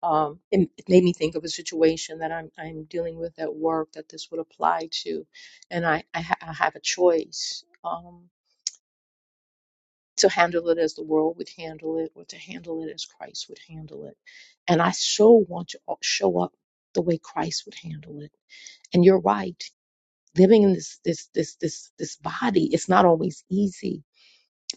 Speaker 1: Um, and it made me think of a situation that I'm I'm dealing with at work that this would apply to, and I I, ha- I have a choice um, to handle it as the world would handle it, or to handle it as Christ would handle it. And I so want to o- show up the way Christ would handle it. And you're right. Living in this this this this this body, it's not always easy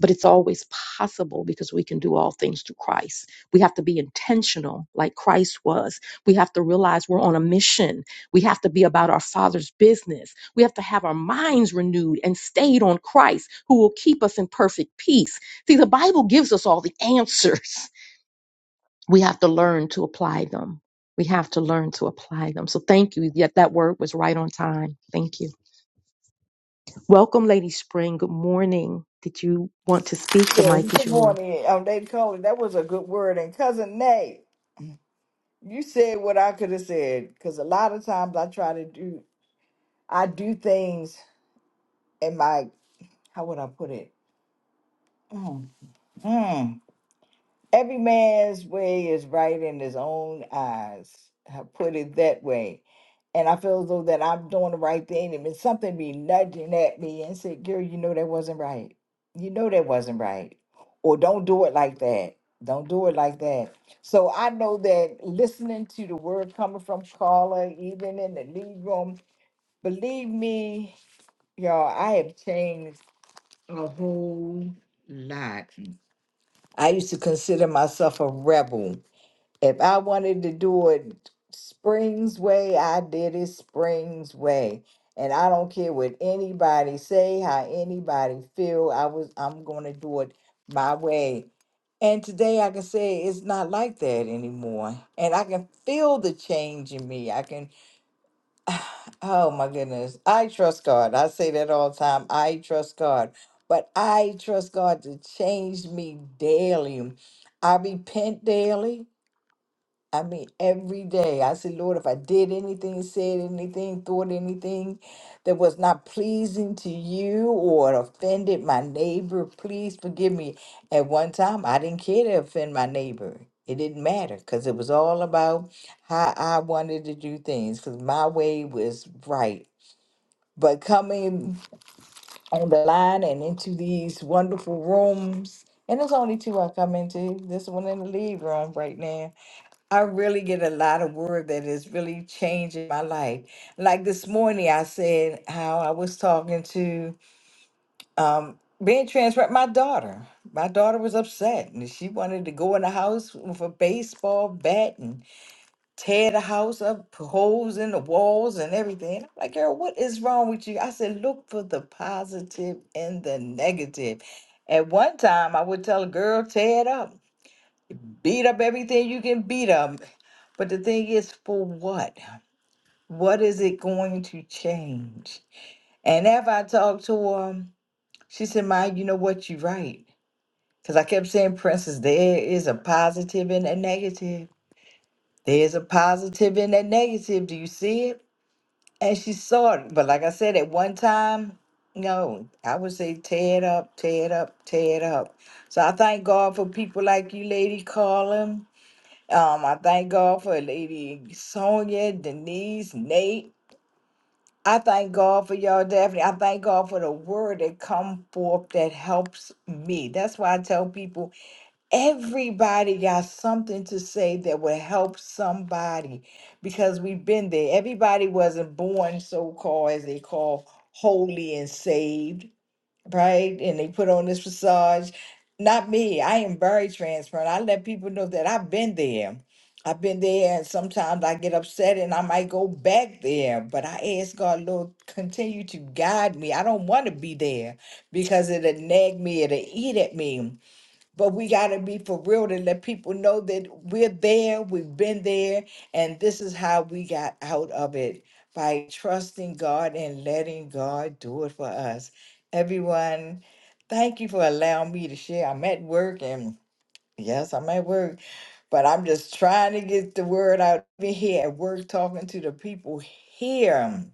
Speaker 1: but it's always possible because we can do all things through Christ. We have to be intentional like Christ was. We have to realize we're on a mission. We have to be about our Father's business. We have to have our minds renewed and stayed on Christ who will keep us in perfect peace. See, the Bible gives us all the answers. We have to learn to apply them. We have to learn to apply them. So thank you. Yet that word was right on time. Thank you. Welcome, Lady Spring. Good morning. Did you want to speak? The
Speaker 4: Yeah,
Speaker 1: mic is
Speaker 4: good
Speaker 1: yours.
Speaker 4: morning, um, Lady Colin. That was a good word. And cousin Nate, you said what I could have said because a lot of times I try to do, I do things in my, how would I put it? Mm, mm. Every man's way is right in his own eyes. I put it that way. And I feel as though that I'm doing the right thing. And then something be nudging at me and say, girl, you know that wasn't right. You know that wasn't right. Or don't do it like that. Don't do it like that. So I know that listening to the word coming from Carla, even in the lead room, believe me, y'all, I have changed a whole lot. I used to consider myself a rebel if I wanted to do it Springs way, I did it Springs way. And I don't care what anybody say, how anybody feel, I was I'm going to do it my way. And today I can say it's not like that anymore. And I can feel the change in me. I can, oh my goodness. I trust God. I say that all the time. I trust God. But I trust God to change me daily. I repent daily. I mean, every day I said, Lord, if I did anything, said anything, thought anything that was not pleasing to you or offended my neighbor, please forgive me. At one time, I didn't care to offend my neighbor. It didn't matter because it was all about how I wanted to do things because my way was right. But coming on the line and into these wonderful rooms, and there's only two I come into this one and the lead room right now I really get a lot of word that is really changing my life. Like this morning, I said how I was talking to um, being transparent. My daughter, my daughter was upset, and she wanted to go in the house with a baseball bat and tear the house up, put holes in the walls and everything. I'm like, girl, what is wrong with you? I said, look for the positive and the negative. At one time, I would tell a girl, tear it up, beat up everything you can beat up. But the thing is, for what? What is it going to change? And after I talked to her, she said, Ma, you know what? You're right. Because I kept saying, Princess, there is a positive and a negative. There's a positive and a negative. Do you see it? And she saw it. But like I said, at one time, no, I would say tear it up, tear it up, tear it up. So I thank God for people like you, Lady Carlin. Um, I thank God for Lady Sonia, Denise, Nate. I thank God for y'all, Daphne. I thank God for the word that come forth that helps me. That's why I tell people everybody got something to say that will help somebody because we've been there. Everybody wasn't born so called as they call holy and saved right? And they put on this facade. Not me. I am very transparent. I let people know that I've been there. I've been there, and sometimes I get upset and I might go back there. But I ask God, Lord, continue to guide me. I don't want to be there because it'll nag me, it'll eat at me. But we got to be for real to let people know that we're there, we've been there, and this is how we got out of it by trusting God and letting God do it for us. Everyone, thank you for allowing me to share. I'm at work, and yes, I'm at work, but I'm just trying to get the word out Been here at work, talking to the people here.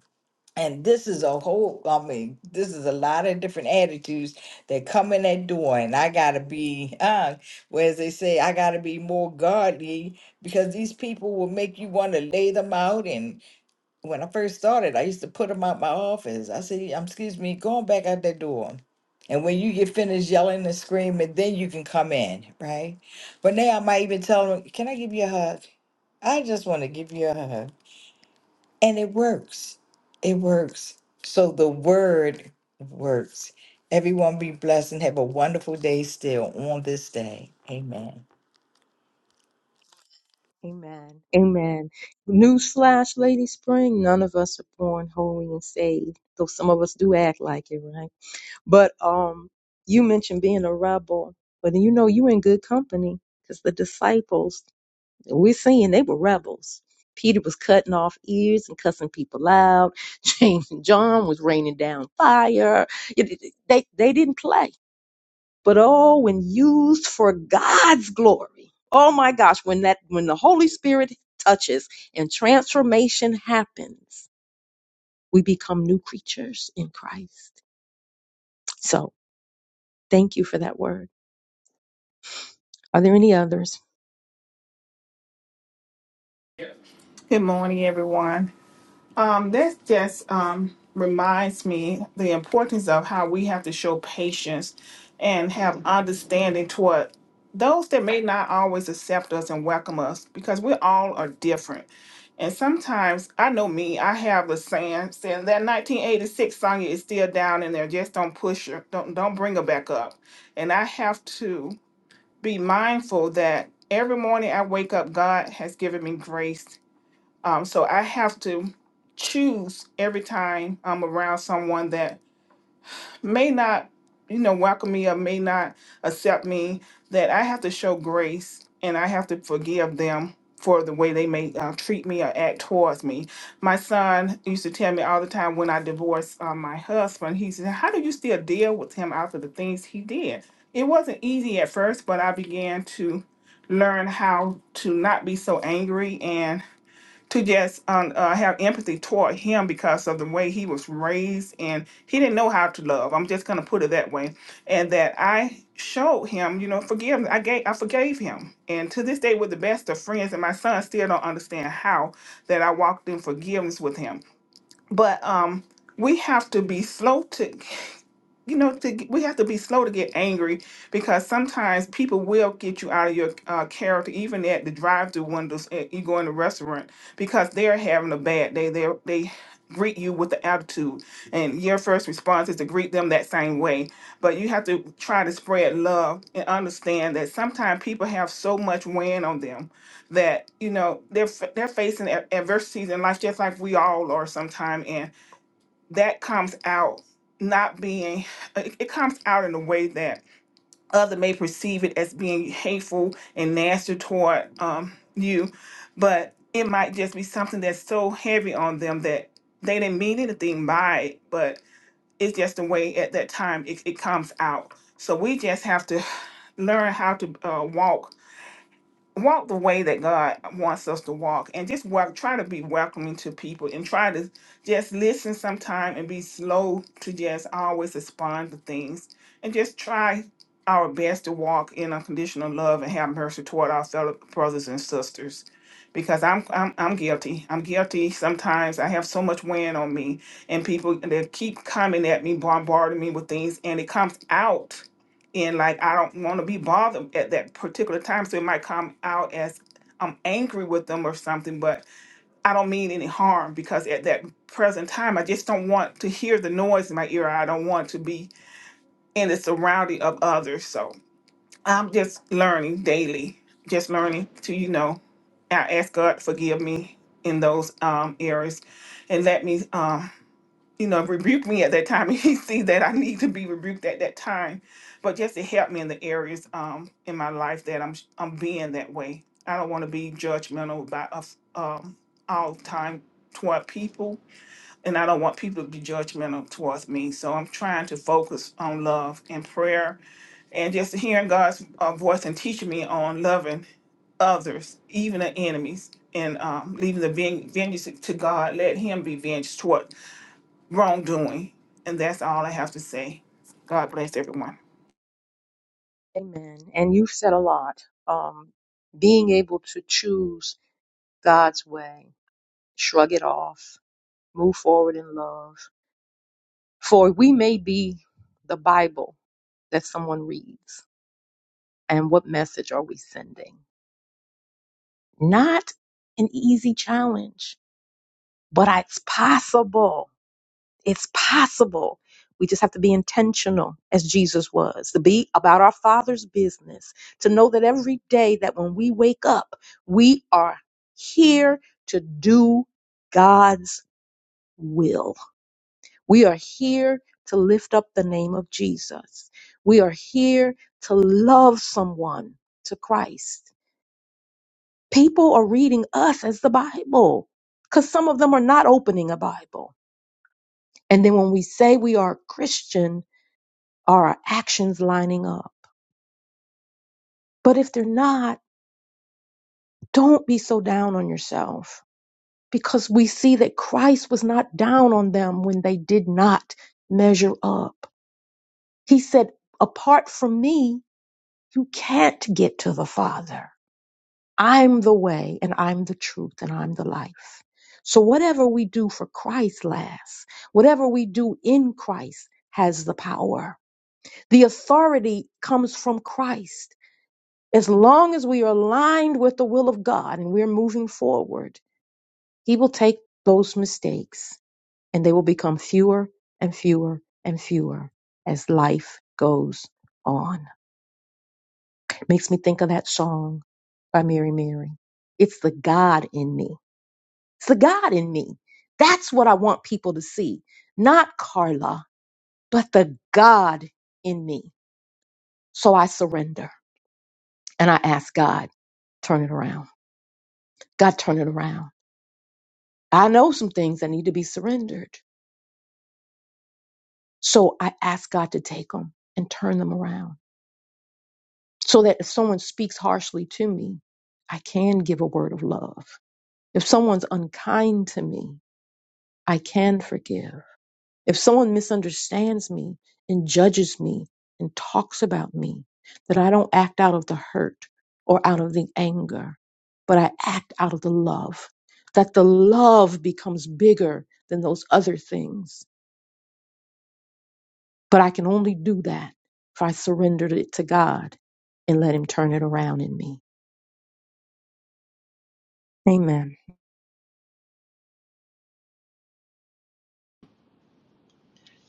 Speaker 4: And this is a whole, I mean, this is a lot of different attitudes that come in that door. And I got to be, uh, well, as they say, I got to be more godly because these people will make you want to lay them out. And when I first started, I used to put them out my office. I said, um, excuse me, going back out that door. And when you get finished yelling and screaming, then you can come in, right? But now I might even tell them, can I give you a hug? I just want to give you a hug. And it works. It works. So the word works. Everyone be blessed and have a wonderful day still on this day. Amen.
Speaker 1: Amen. Amen. Newsflash, Lady Spring, none of us are born holy and saved, though some of us do act like it, right? But um, you mentioned being a rebel, but you know you in good company because the disciples, we're seeing they were rebels. Peter was cutting off ears and cussing people out. James and John was raining down fire. It- it- They, they didn't play but oh when used for god's glory oh my gosh when that when the holy spirit touches and transformation happens we become new creatures in christ so thank you for that word are there any others
Speaker 5: Good morning, everyone. Um, this just um, reminds me the importance of how we have to show patience and have understanding toward those that may not always accept us and welcome us because we all are different. And sometimes I know me, I have the saying saying that 1986 Sonya is still down in there. Just don't push her, don't don't bring her back up. And I have to be mindful that every morning I wake up, God has given me grace um, so I have to choose every time I'm around someone that may not, you know, welcome me or may not accept me, that I have to show grace and I have to forgive them for the way they may uh, treat me or act towards me. My son used to tell me all the time when I divorced uh, my husband, he said, How do you still deal with him after the things he did? It wasn't easy at first, but I began to learn how to not be so angry and to just um, uh, have empathy toward him because of the way he was raised and he didn't know how to love. I'm just gonna put it that way, and that I showed him, you know, forgiveness. I gave, I forgave him, and to this day, we're the best of friends. And my son still don't understand how that I walked in forgiveness with him. But um, we have to be slow to. you know to, g- we have to be slow to get angry because sometimes people will get you out of your uh, character even at the drive-through windows at, you go in the restaurant because they're having a bad day they they greet you with the attitude and your first response is to greet them that same way but you have to try to spread love and understand that sometimes people have so much weighing on them that you know they're f- they're facing a- adversities in life just like we all are sometimes that comes out not being it, it comes out in a way that other may perceive it as being hateful and nasty toward um, you but it might just be something that's so heavy on them that they didn't mean anything by it but it's just the way at that time it, it comes out so we just have to learn how to uh, walk walk the way that God wants us to walk and just walk, try to be welcoming to people and try to just listen sometime and be slow to just always respond to things and just try our best to walk in unconditional love and have mercy toward our fellow brothers and sisters because I'm, I'm I'm guilty. I'm guilty. Sometimes I have so much weighing on me and people they keep coming at me, bombarding me with things and it comes out and like I don't want to be bothered at that particular time. So it might come out as I'm angry with them or something, but I don't mean any harm because at that present time, I just don't want to hear the noise in my ear. I don't want to be in the surrounding of others. So I'm just learning daily, just learning to, you know, I ask God to forgive me in those um, areas and let me um you know, rebuke me at that time. And he sees that I need to be rebuked at that time, but just to help me in the areas um in my life that I'm I'm being that way. I don't want to be judgmental by us um all time toward people, and I don't want people to be judgmental towards me. So I'm trying to focus on love and prayer, and just hearing God's uh, voice and teaching me on loving others, even the enemies. And um, leaving the ven- vengeance to God, let Him be vengeance toward wrongdoing. And that's all I have to say. God bless everyone.
Speaker 1: amen and you've said a lot um being able to choose god's way shrug it off move forward in love for we may be the bible that someone reads and what message are we sending Not an easy challenge, but it's possible. It's possible. We just have to be intentional as Jesus was, to be about our Father's business, to know that every day that when we wake up, we are here to do God's will. We are here to lift up the name of Jesus. We are here to love someone to Christ. People are reading us as the Bible because some of them are not opening a Bible. And then when we say we are Christian, are our actions lining up? But if they're not, don't be so down on yourself because we see that Christ was not down on them when they did not measure up. He said, Apart from me, you can't get to the Father. I'm the way and I'm the truth and I'm the life. So whatever we do for Christ lasts, whatever we do in Christ has the power. The authority comes from Christ. As long as we are aligned with the will of God and we're moving forward, He will take those mistakes and they will become fewer and fewer and fewer as life goes on. Makes me think of that song by Mary Mary. It's the God in me It's the God in me. That's what I want people to see. Not Carla, but the God in me. So I surrender and I ask God, turn it around. God, turn it around. I know some things that need to be surrendered. So I ask God to take them and turn them around so that if someone speaks harshly to me, I can give a word of love. If someone's unkind to me, I can forgive. If someone misunderstands me and judges me and talks about me, that I don't act out of the hurt or out of the anger, but I act out of the love, that the love becomes bigger than those other things. But I can only do that if I surrendered it to God and let Him turn it around in me. Amen.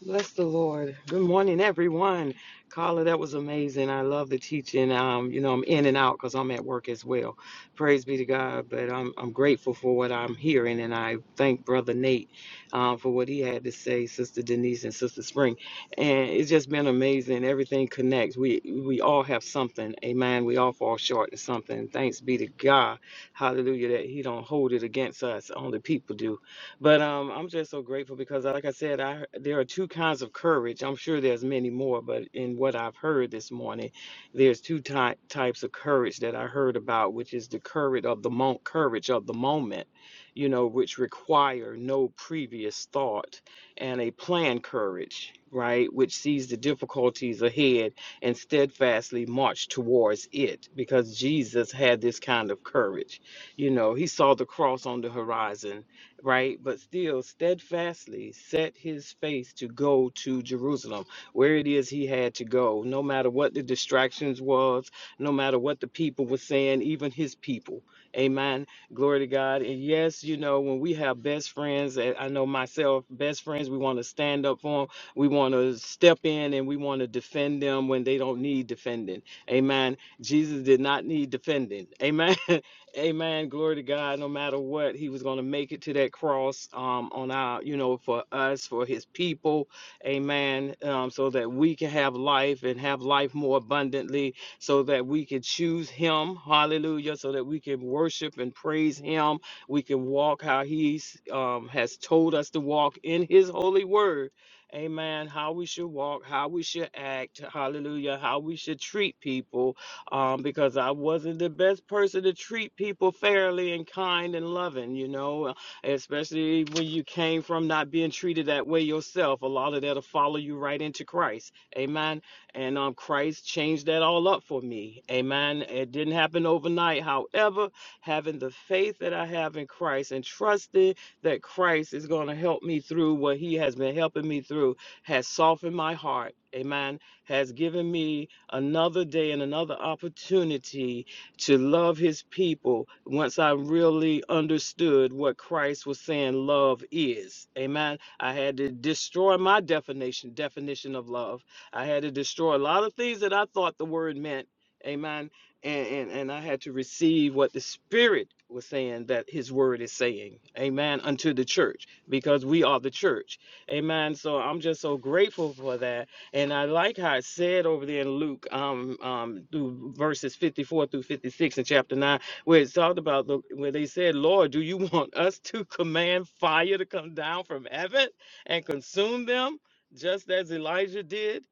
Speaker 6: Bless the Lord. Good morning, everyone. Carla, that was amazing. I love the teaching. Um, you know, I'm in and out because I'm at work as well. Praise be to God. But I'm I'm grateful for what I'm hearing, and I thank Brother Nate um, for what he had to say, Sister Denise and Sister Spring, and it's just been amazing. Everything connects. We we all have something. Amen. We all fall short of something. Thanks be to God. Hallelujah. That He don't hold it against us. Only people do. But um, I'm just so grateful because, like I said, I there are two kinds of courage. I'm sure there's many more, but in what I've heard this morning, there's two ty- types of courage that I heard about, which is the courage of the mo- courage of the moment, you know, which require no previous thought, and a planned courage, right, which sees the difficulties ahead and steadfastly march towards it, because Jesus had this kind of courage. You know, he saw the cross on the horizon right? But still steadfastly set his face to go to Jerusalem, where it is he had to go, no matter what the distractions was, no matter what the people were saying, even his people. Amen. Glory to God. And yes, you know, when we have best friends, and I know myself, best friends, we want to stand up for them. We want to step in and we want to defend them when they don't need defending. Amen. Jesus did not need defending. Amen. Amen. Glory to God. No matter what, he was going to make it to that cross um, on our, you know, for us, for his people. Amen. Um, so that we can have life and have life more abundantly, so that we can choose him. Hallelujah. So that we can worship and praise him. We can walk how he um, has told us to walk in his holy word. Amen. How we should walk, how we should act. Hallelujah. How we should treat people um, because I wasn't the best person to treat people fairly and kind and loving, you know, especially when you came from not being treated that way yourself. A lot of that'll follow you right into Christ. Amen. And um, Christ changed that all up for me. Amen. It didn't happen overnight. However, having the faith that I have in Christ and trusting that Christ is going to help me through what he has been helping me through has softened my heart. Amen. Has given me another day and another opportunity to love his people once I really understood what Christ was saying love is. Amen. I had to destroy my definition definition of love. I had to destroy a lot of things that I thought the word meant. Amen. And and, and I had to receive what the spirit was saying that his word is saying. Amen. Unto the church because we are the church. Amen. So I'm just so grateful for that and I like how it said over there in Luke, um, um, through verses 54 through 56 in chapter 9, where it's talked about the, where they said, Lord, do you want us to command fire to come down from heaven and consume them just as Elijah did?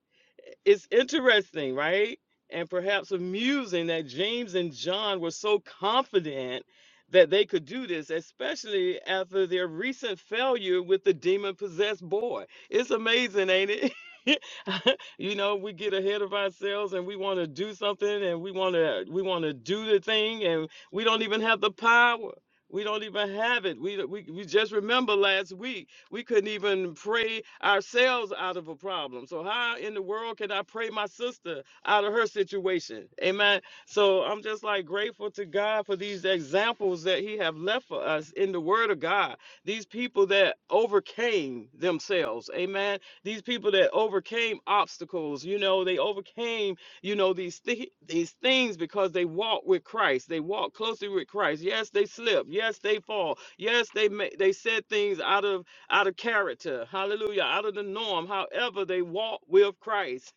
Speaker 6: it's interesting, right? And perhaps amusing that James and John were so confident that they could do this, especially after their recent failure with the demon possessed boy. It's amazing, ain't it? you know, we get ahead of ourselves and we want to do something and we want to we want to do the thing and we don't even have the power. We don't even have it. We, we we just remember last week we couldn't even pray ourselves out of a problem. So how in the world can I pray my sister out of her situation? Amen. So I'm just like grateful to God for these examples that He have left for us in the Word of God. These people that overcame themselves. Amen these people that overcame obstacles, you know, they overcame, you know, these thi- these things because they walked with Christ. They walked closely with Christ. Yes, they slip. Yes, they fall. Yes, they they said things out of out of character. Hallelujah, out of the norm. However, they walked with Christ.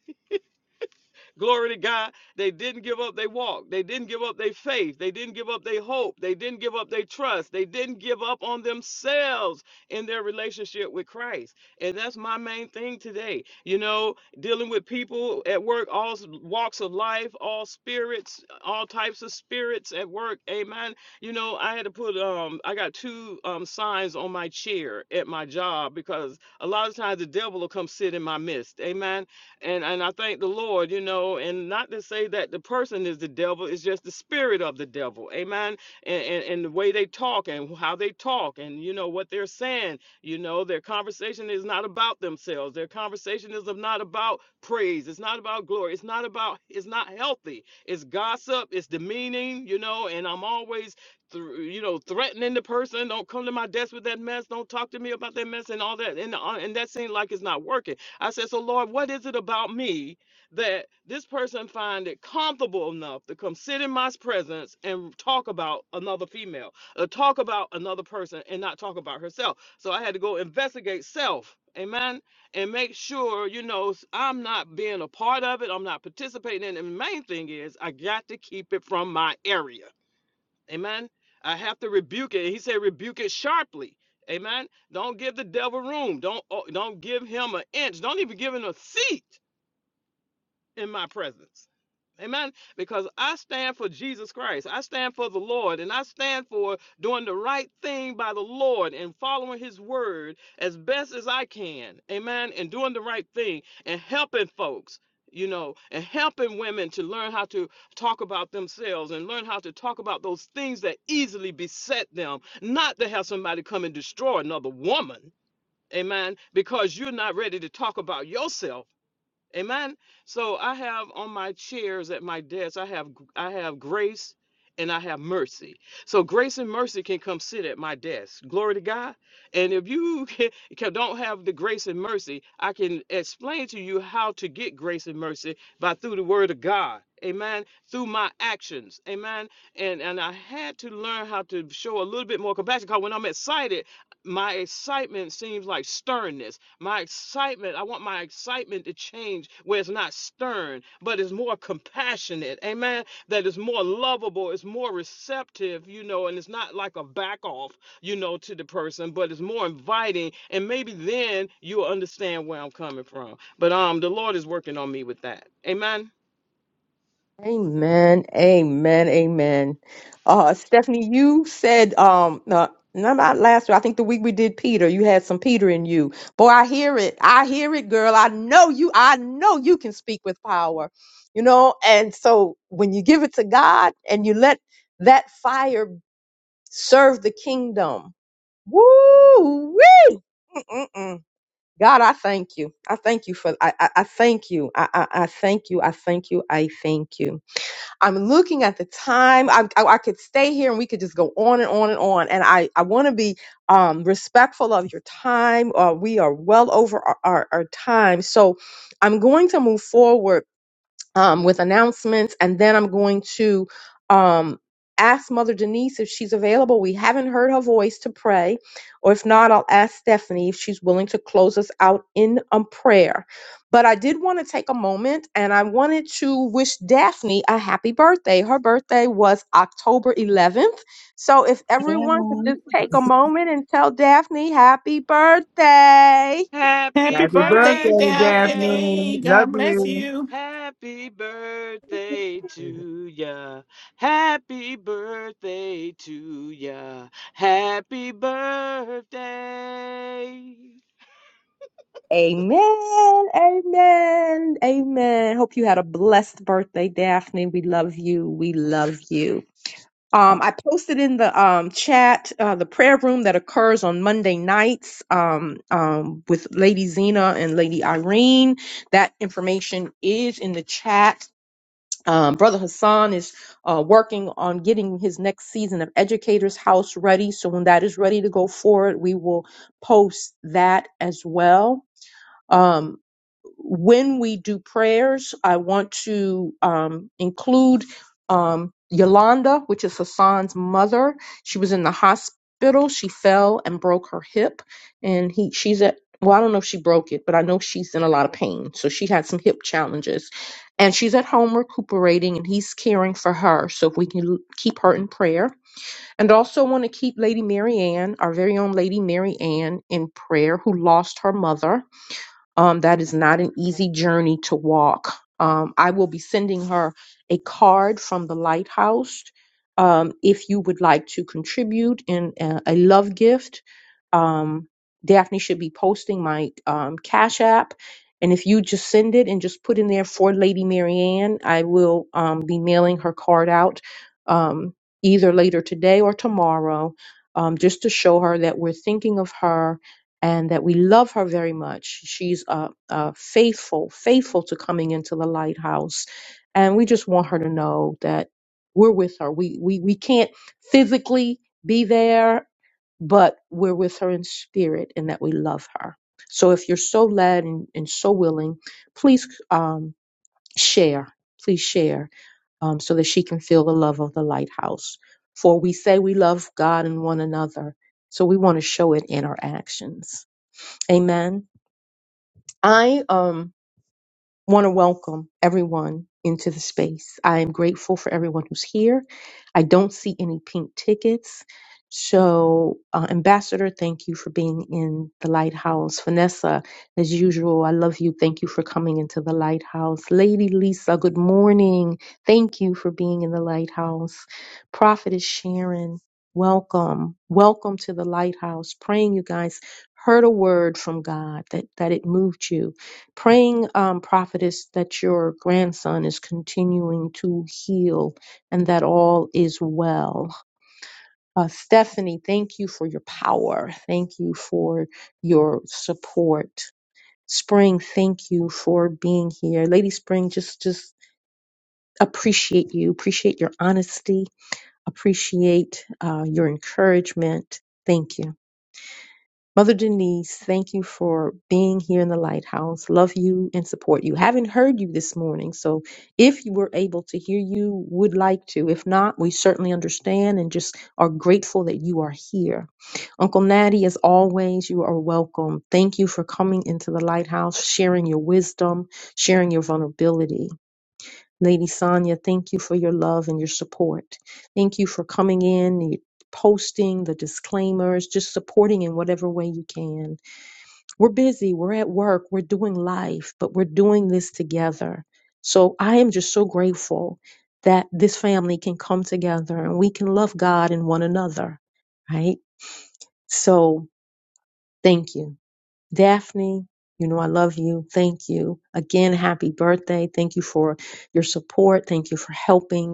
Speaker 6: Glory to God. They didn't give up their walk. They didn't give up their faith. They didn't give up their hope. They didn't give up their trust. They didn't give up on themselves in their relationship with Christ. And that's my main thing today. You know, dealing with people at work, all walks of life, all spirits, all types of spirits at work. Amen. You know, I had to put um I got two um signs on my chair at my job because a lot of times the devil will come sit in my midst. Amen and and I thank the Lord, you know, and not to say that the person is the devil, it's just the spirit of the devil, amen. And and, and the way they talk and how they talk and you know what they're saying, you know, their conversation is not about themselves. Their conversation is not about praise. It's not about glory. It's not about. It's not healthy. It's gossip. It's demeaning, you know. And I'm always. thr- You know, threatening the person. Don't come to my desk with that mess. Don't talk to me about that mess and all that. And uh, and that seems like it's not working I said, So, Lord, what is it about me that this person find it comfortable enough to come sit in my presence and talk about another female, or talk about another person and not talk about herself? So I had to go investigate self. Amen. And make sure, you know, s- I'm not being a part of it. I'm not participating in it. And the main thing is, I got to keep it from my area. Amen. I have to rebuke it. He said, rebuke it sharply. Amen. Don't give the devil room. Don't oh, don't give him an inch. Don't even give him a seat in my presence. Amen. Because I stand for Jesus Christ. I stand for the Lord. And I stand for doing the right thing by the Lord and following his word as best as I can. Amen. And doing the right thing and helping folks, you know, and helping women to learn how to talk about themselves and learn how to talk about those things that easily beset them, not to have somebody come and destroy another woman. Amen. Because you're not ready to talk about yourself. Amen. So I have on my chairs at my desk, I have I have grace and I have mercy. So grace and mercy can come sit at my desk. Glory to God. And if you can- don't have the grace and mercy, I can explain to you how to get grace and mercy by through the word of God. Amen. Through my actions. Amen. And and I had to learn how to show a little bit more compassion because when I'm excited, my excitement seems like sternness my excitement, I want my excitement to change where it's not stern, but it's more compassionate. Amen. That is more lovable, it's more receptive, you know, and it's not like a back off, you know, to the person, but it's more inviting. And maybe then you'll understand where I'm coming from. But um the Lord is working on me with that. Amen.
Speaker 1: Amen. Amen. Amen. Uh, Stephanie, you said um no, no, not last week. I think the week we did Peter. You had some Peter in you. Boy, I hear it. I hear it, girl. I know you. I know you can speak with power. You know, and so when you give it to God and you let that fire serve the kingdom, woo wee. Mm-mm-mm. God, I thank you. I thank you for. I I, I thank you. I, I I thank you. I thank you. I thank you. I'm looking at the time. I, I, I could stay here and we could just go on and on and on. And I, I want to be um, respectful of your time. Uh, we are well over our, our, our time. So I'm going to move forward um, with announcements. And then I'm going to um, ask Mother Denise if she's available. We haven't heard her voice to pray. Or if not, I'll ask Stephanie if she's willing to close us out in a prayer. But I did want to take a moment and I wanted to wish Daphne a happy birthday. Her birthday was October 11th. So if everyone
Speaker 2: Yeah.
Speaker 1: could just take a moment and tell Daphne happy birthday.
Speaker 6: Happy
Speaker 5: Happy
Speaker 7: Happy
Speaker 5: birthday,
Speaker 7: birthday,
Speaker 6: birthday.
Speaker 7: Daphne.
Speaker 5: Daphne.
Speaker 7: Love
Speaker 5: God bless
Speaker 7: you.
Speaker 5: you.
Speaker 6: Happy birthday to ya. Happy birthday to ya. Happy birthday.
Speaker 1: Amen. Amen. Amen. Hope you had a blessed birthday, Daphne. We love you. We love you. Um, I posted in the um, chat uh, the prayer room that occurs on Monday nights um, um, with Lady Zena and Lady Irene. That information is in the chat. Um, Brother Hassan is uh, working on getting his next season of Educators House ready. So when that is ready to go forward, we will post that as well. Um, when we do prayers, I want to um, include um, Yolanda, which is Hassan's mother. She was in the hospital. She fell and broke her hip, and he she's at well, I don't know if she broke it, but I know she's in a lot of pain. So she had some hip challenges, and she's at home recuperating, and he's caring for her. So if we can l- keep her in prayer, and also want to keep Lady Mary Ann, our very own Lady Mary Ann, in prayer, who lost her mother um, that is not an easy journey to walk. Um, I will be sending her a card from the lighthouse. Um, if you would like to contribute in a, a love gift, um, Daphne should be posting my um, Cash App. And if you just send it and just put in there for Lady Marianne, I will um, be mailing her card out um, either later today or tomorrow um, just to show her that we're thinking of her and that we love her very much. She's uh, uh, faithful, faithful to coming into the lighthouse, and we just want her to know that we're with her. We we we can't physically be there, but we're with her in spirit, and that we love her. So if you're so led and, and so willing, please um, share. Please share um, so that she can feel the love of the lighthouse. For we say we love God and one another, so we want to show it in our actions. Amen. I um want to welcome everyone into the space. I am grateful for everyone who's here. I don't see any pink tickets. So, uh, Ambassador, thank you for being in the lighthouse. Vanessa, as usual, I love you. Thank you for coming into the lighthouse. Lady Lisa, good morning. Thank you for being in the lighthouse. Prophetess Sharon, welcome. Welcome to the lighthouse. Praying you guys heard a word from God that, that it moved you praying um, prophetess that your grandson is continuing to heal and that all is well uh, stephanie thank you for your power thank you for your support spring thank you for being here lady spring just just appreciate you appreciate your honesty appreciate uh, your encouragement thank you Mother Denise, thank you for being here in the lighthouse. Love you and support you. Haven't heard you this morning, so if you were able to hear you, would like to. If not, we certainly understand and just are grateful that you are here. Uncle Natty, as always, you are welcome. Thank you for coming into the lighthouse, sharing your wisdom, sharing your vulnerability. Lady Sonia, thank you for your love and your support. Thank you for coming in, you- posting the disclaimers, just supporting in whatever way you can. We're busy, we're at work, we're doing life, but we're doing this together. So I am just so grateful that this family can come together and we can love God and one another, right? So thank you. Daphne, you know I love you. Thank you. Again, happy birthday. Thank you for your support. Thank you for helping.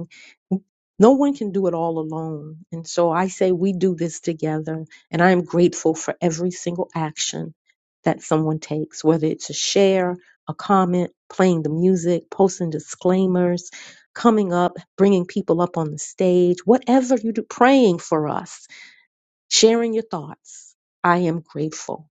Speaker 1: No one can do it all alone. And so I say we do this together. And I am grateful for every single action that someone takes, whether it's a share, a comment, playing the music, posting disclaimers, coming up, bringing people up on the stage, whatever you do, praying for us, sharing your thoughts. I am grateful.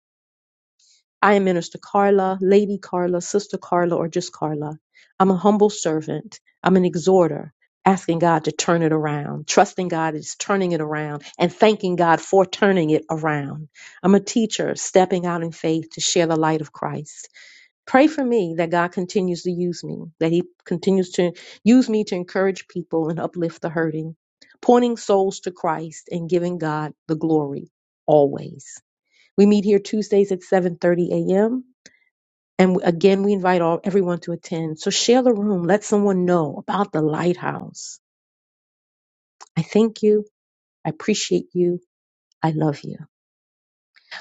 Speaker 1: I am Minister Carla, Lady Carla, Sister Carla, or just Carla. I'm a humble servant. I'm an exhorter, asking God to turn it around, trusting God is turning it around, and thanking God for turning it around. I'm a teacher, stepping out in faith to share the light of Christ. Pray for me that God continues to use me, that He continues to use me to encourage people and uplift the hurting, pointing souls to Christ and giving God the glory always. We meet here Tuesdays at 7:30 a.m and again, we invite all everyone to attend. So share the room. Let someone know about the lighthouse. I thank you. I appreciate you. I love you.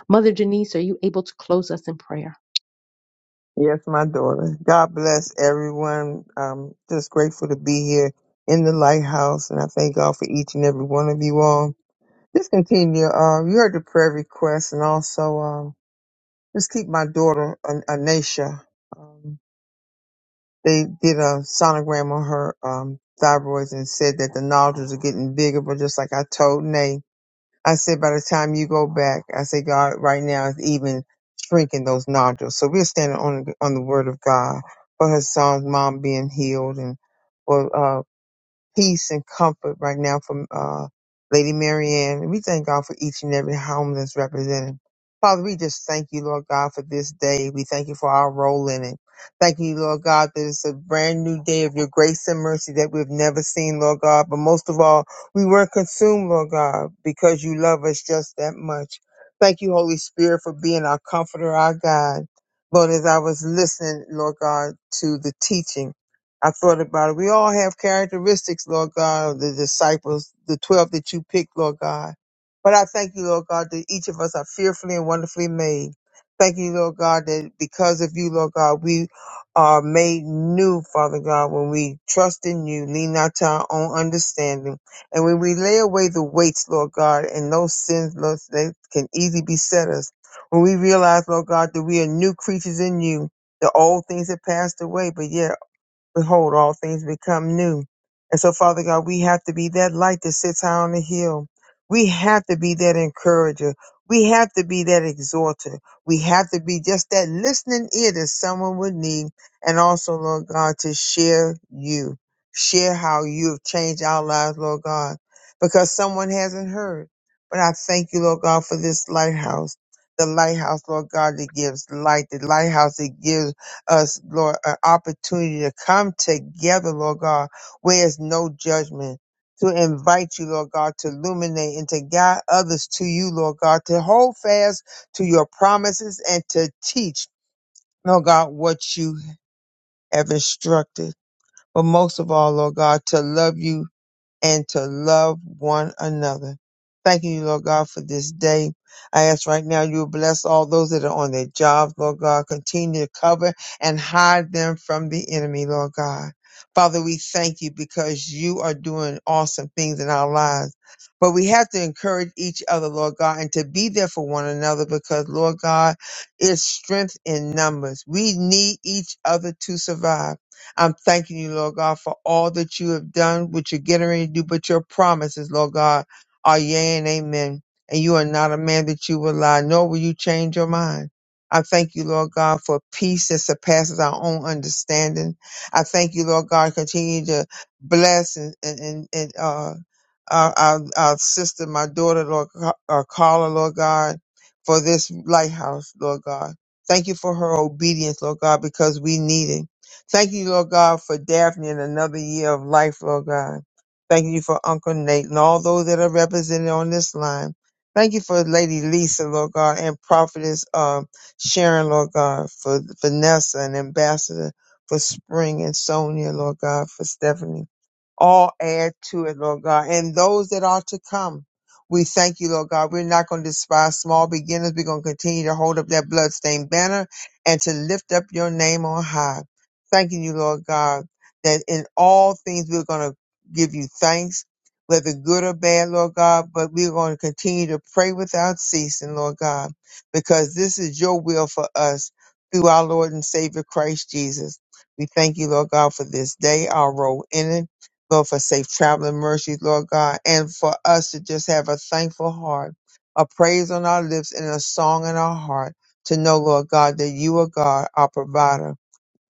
Speaker 1: Mother Denise, are you able to close us in prayer?
Speaker 7: Yes, my daughter. God bless everyone. I'm just grateful to be here in the lighthouse, and I thank God for each and every one of you all. Just continue. Uh, you heard the prayer request, and also um, just keep my daughter, An- Anisha. Um, they did a sonogram on her um, thyroids and said that the nodules are getting bigger, but just like I told Nate. I said, by the time you go back, I say, God, right now is even shrinking those nodules. So we're standing on on the word of God for her son's mom being healed and for uh, peace and comfort right now from uh, Lady Marianne. We thank God for each and every home that's represented. Father, we just thank you, Lord God, for this day. We thank you for our role in it. Thank you, Lord God, that it's a brand new day of your grace and mercy that we've never seen, Lord God. But most of all, we weren't consumed, Lord God, because you love us just that much. Thank you, Holy Spirit, for being our comforter, our guide. Lord, as I was listening, Lord God, to the teaching, I thought about it. We all have characteristics, Lord God, of the disciples, the 12 that you picked, Lord God. But I thank you, Lord God, that each of us are fearfully and wonderfully made. Thank you, Lord God, that because of you, Lord God, we are made new, Father God, when we trust in you, lean not to our own understanding. And when we lay away the weights, Lord God, and those sins, Lord, that can easily beset us. When we realize, Lord God, that we are new creatures in you, the old things have passed away, but yet Behold, all things become new. And so, Father God, we have to be that light that sits high on the hill. We have to be that encourager. We have to be that exhorter. We have to be just that listening ear that someone would need. And also, Lord God, to share you, share how you have changed our lives, Lord God, because someone hasn't heard. But I thank you, Lord God, for this lighthouse. The lighthouse, Lord God, that gives light. The lighthouse that gives us, Lord, an opportunity to come together, Lord God, where there's no judgment. To invite you, Lord God, to illuminate and to guide others to you, Lord God, to hold fast to your promises and to teach, Lord God, what you have instructed. But most of all, Lord God, to love you and to love one another. Thank you, Lord God, for this day. I ask right now you bless all those that are on their jobs, Lord God. Continue to cover and hide them from the enemy, Lord God. Father, we thank you because you are doing awesome things in our lives. But we have to encourage each other, Lord God, and to be there for one another because, Lord God, it's strength in numbers. We need each other to survive. I'm thanking you, Lord God, for all that you have done, what you're getting ready to do, but your promises, Lord God, are yea and amen. And you are not a man that you will lie, nor will you change your mind. I thank you, Lord God, for peace that surpasses our own understanding. I thank you, Lord God, continue to bless and, and, and, and uh, our, our, our sister, my daughter, Lord, Ca- uh, Carla, Lord God, for this lighthouse, Lord God. Thank you for her obedience, Lord God, because we need it. Thank you, Lord God, for Daphne and another year of life, Lord God. Thank you for Uncle Nate and all those that are represented on this line. Thank you for Lady Lisa, Lord God, and Prophetess um, Sharon, Lord God, for Vanessa and Ambassador, for Spring and Sonia, Lord God, for Stephanie. All add to it, Lord God, and those that are to come. We thank you, Lord God. We're not going to despise small beginners. We're going to continue to hold up that bloodstained banner and to lift up your name on high thanking you, Lord God, that in all things we're going to give you thanks, whether good or bad, Lord God, but we're going to continue to pray without ceasing, Lord God, because this is your will for us through our Lord and Savior Christ Jesus. We thank you, Lord God, for this day, our role in it, Lord, for safe traveling mercies, Lord God, and for us to just have a thankful heart, a praise on our lips and a song in our heart to know, Lord God, that you are God, our provider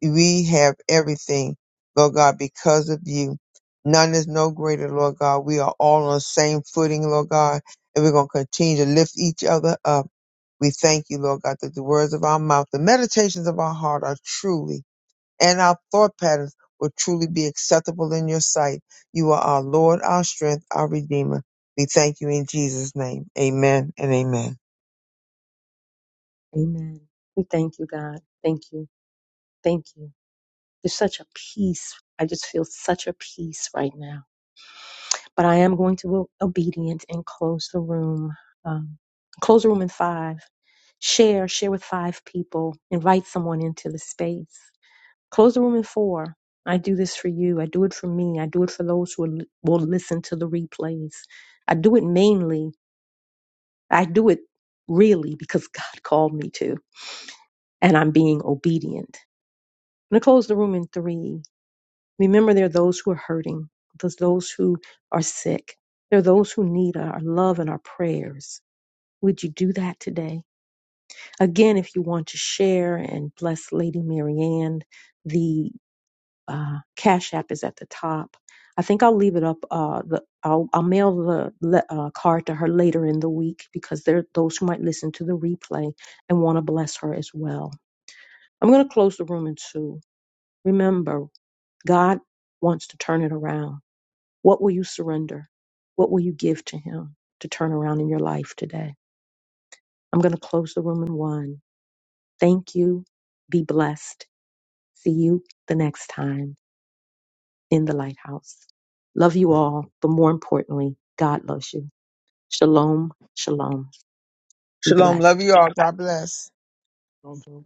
Speaker 7: we have everything, Lord God, because of you. None is no greater, Lord God. We are all on the same footing, Lord God, and we're going to continue to lift each other up. We thank you, Lord God, that the words of our mouth, the meditations of our heart are truly, and our thought patterns will truly be acceptable in your sight. You are our Lord, our strength, our Redeemer. We thank you in Jesus' name. Amen and amen.
Speaker 1: Amen. We thank you, God. Thank you. Thank you. There's such a peace. I just feel such a peace right now. But I am going to be obedient and close the room. Um, close the room in five. Share, share with five people. Invite someone into the space. Close the room in four. I do this for you. I do it for me. I do it for those who will will listen to the replays. I do it mainly. I do it really because God called me to, and I'm being obedient. I'm going to close the room in three. Remember, there are those who are hurting, there's those who are sick, there are those who need our love and our prayers. Would you do that today? Again, if you want to share and bless Lady Marianne, the uh, Cash App is at the top. I think I'll leave it up. Uh, the, I'll, I'll mail the le- uh, card to her later in the week because there are those who might listen to the replay and want to bless her as well. I'm going to close the room in two. Remember, God wants to turn it around. What will you surrender? What will you give to Him to turn around in your life today? I'm going to close the room in one. Thank you. Be blessed. See you the next time. in the lighthouse. Love you all, but more importantly, God loves you. Shalom, shalom. Be blessed.
Speaker 7: Shalom. Love you all. God bless.
Speaker 3: mic.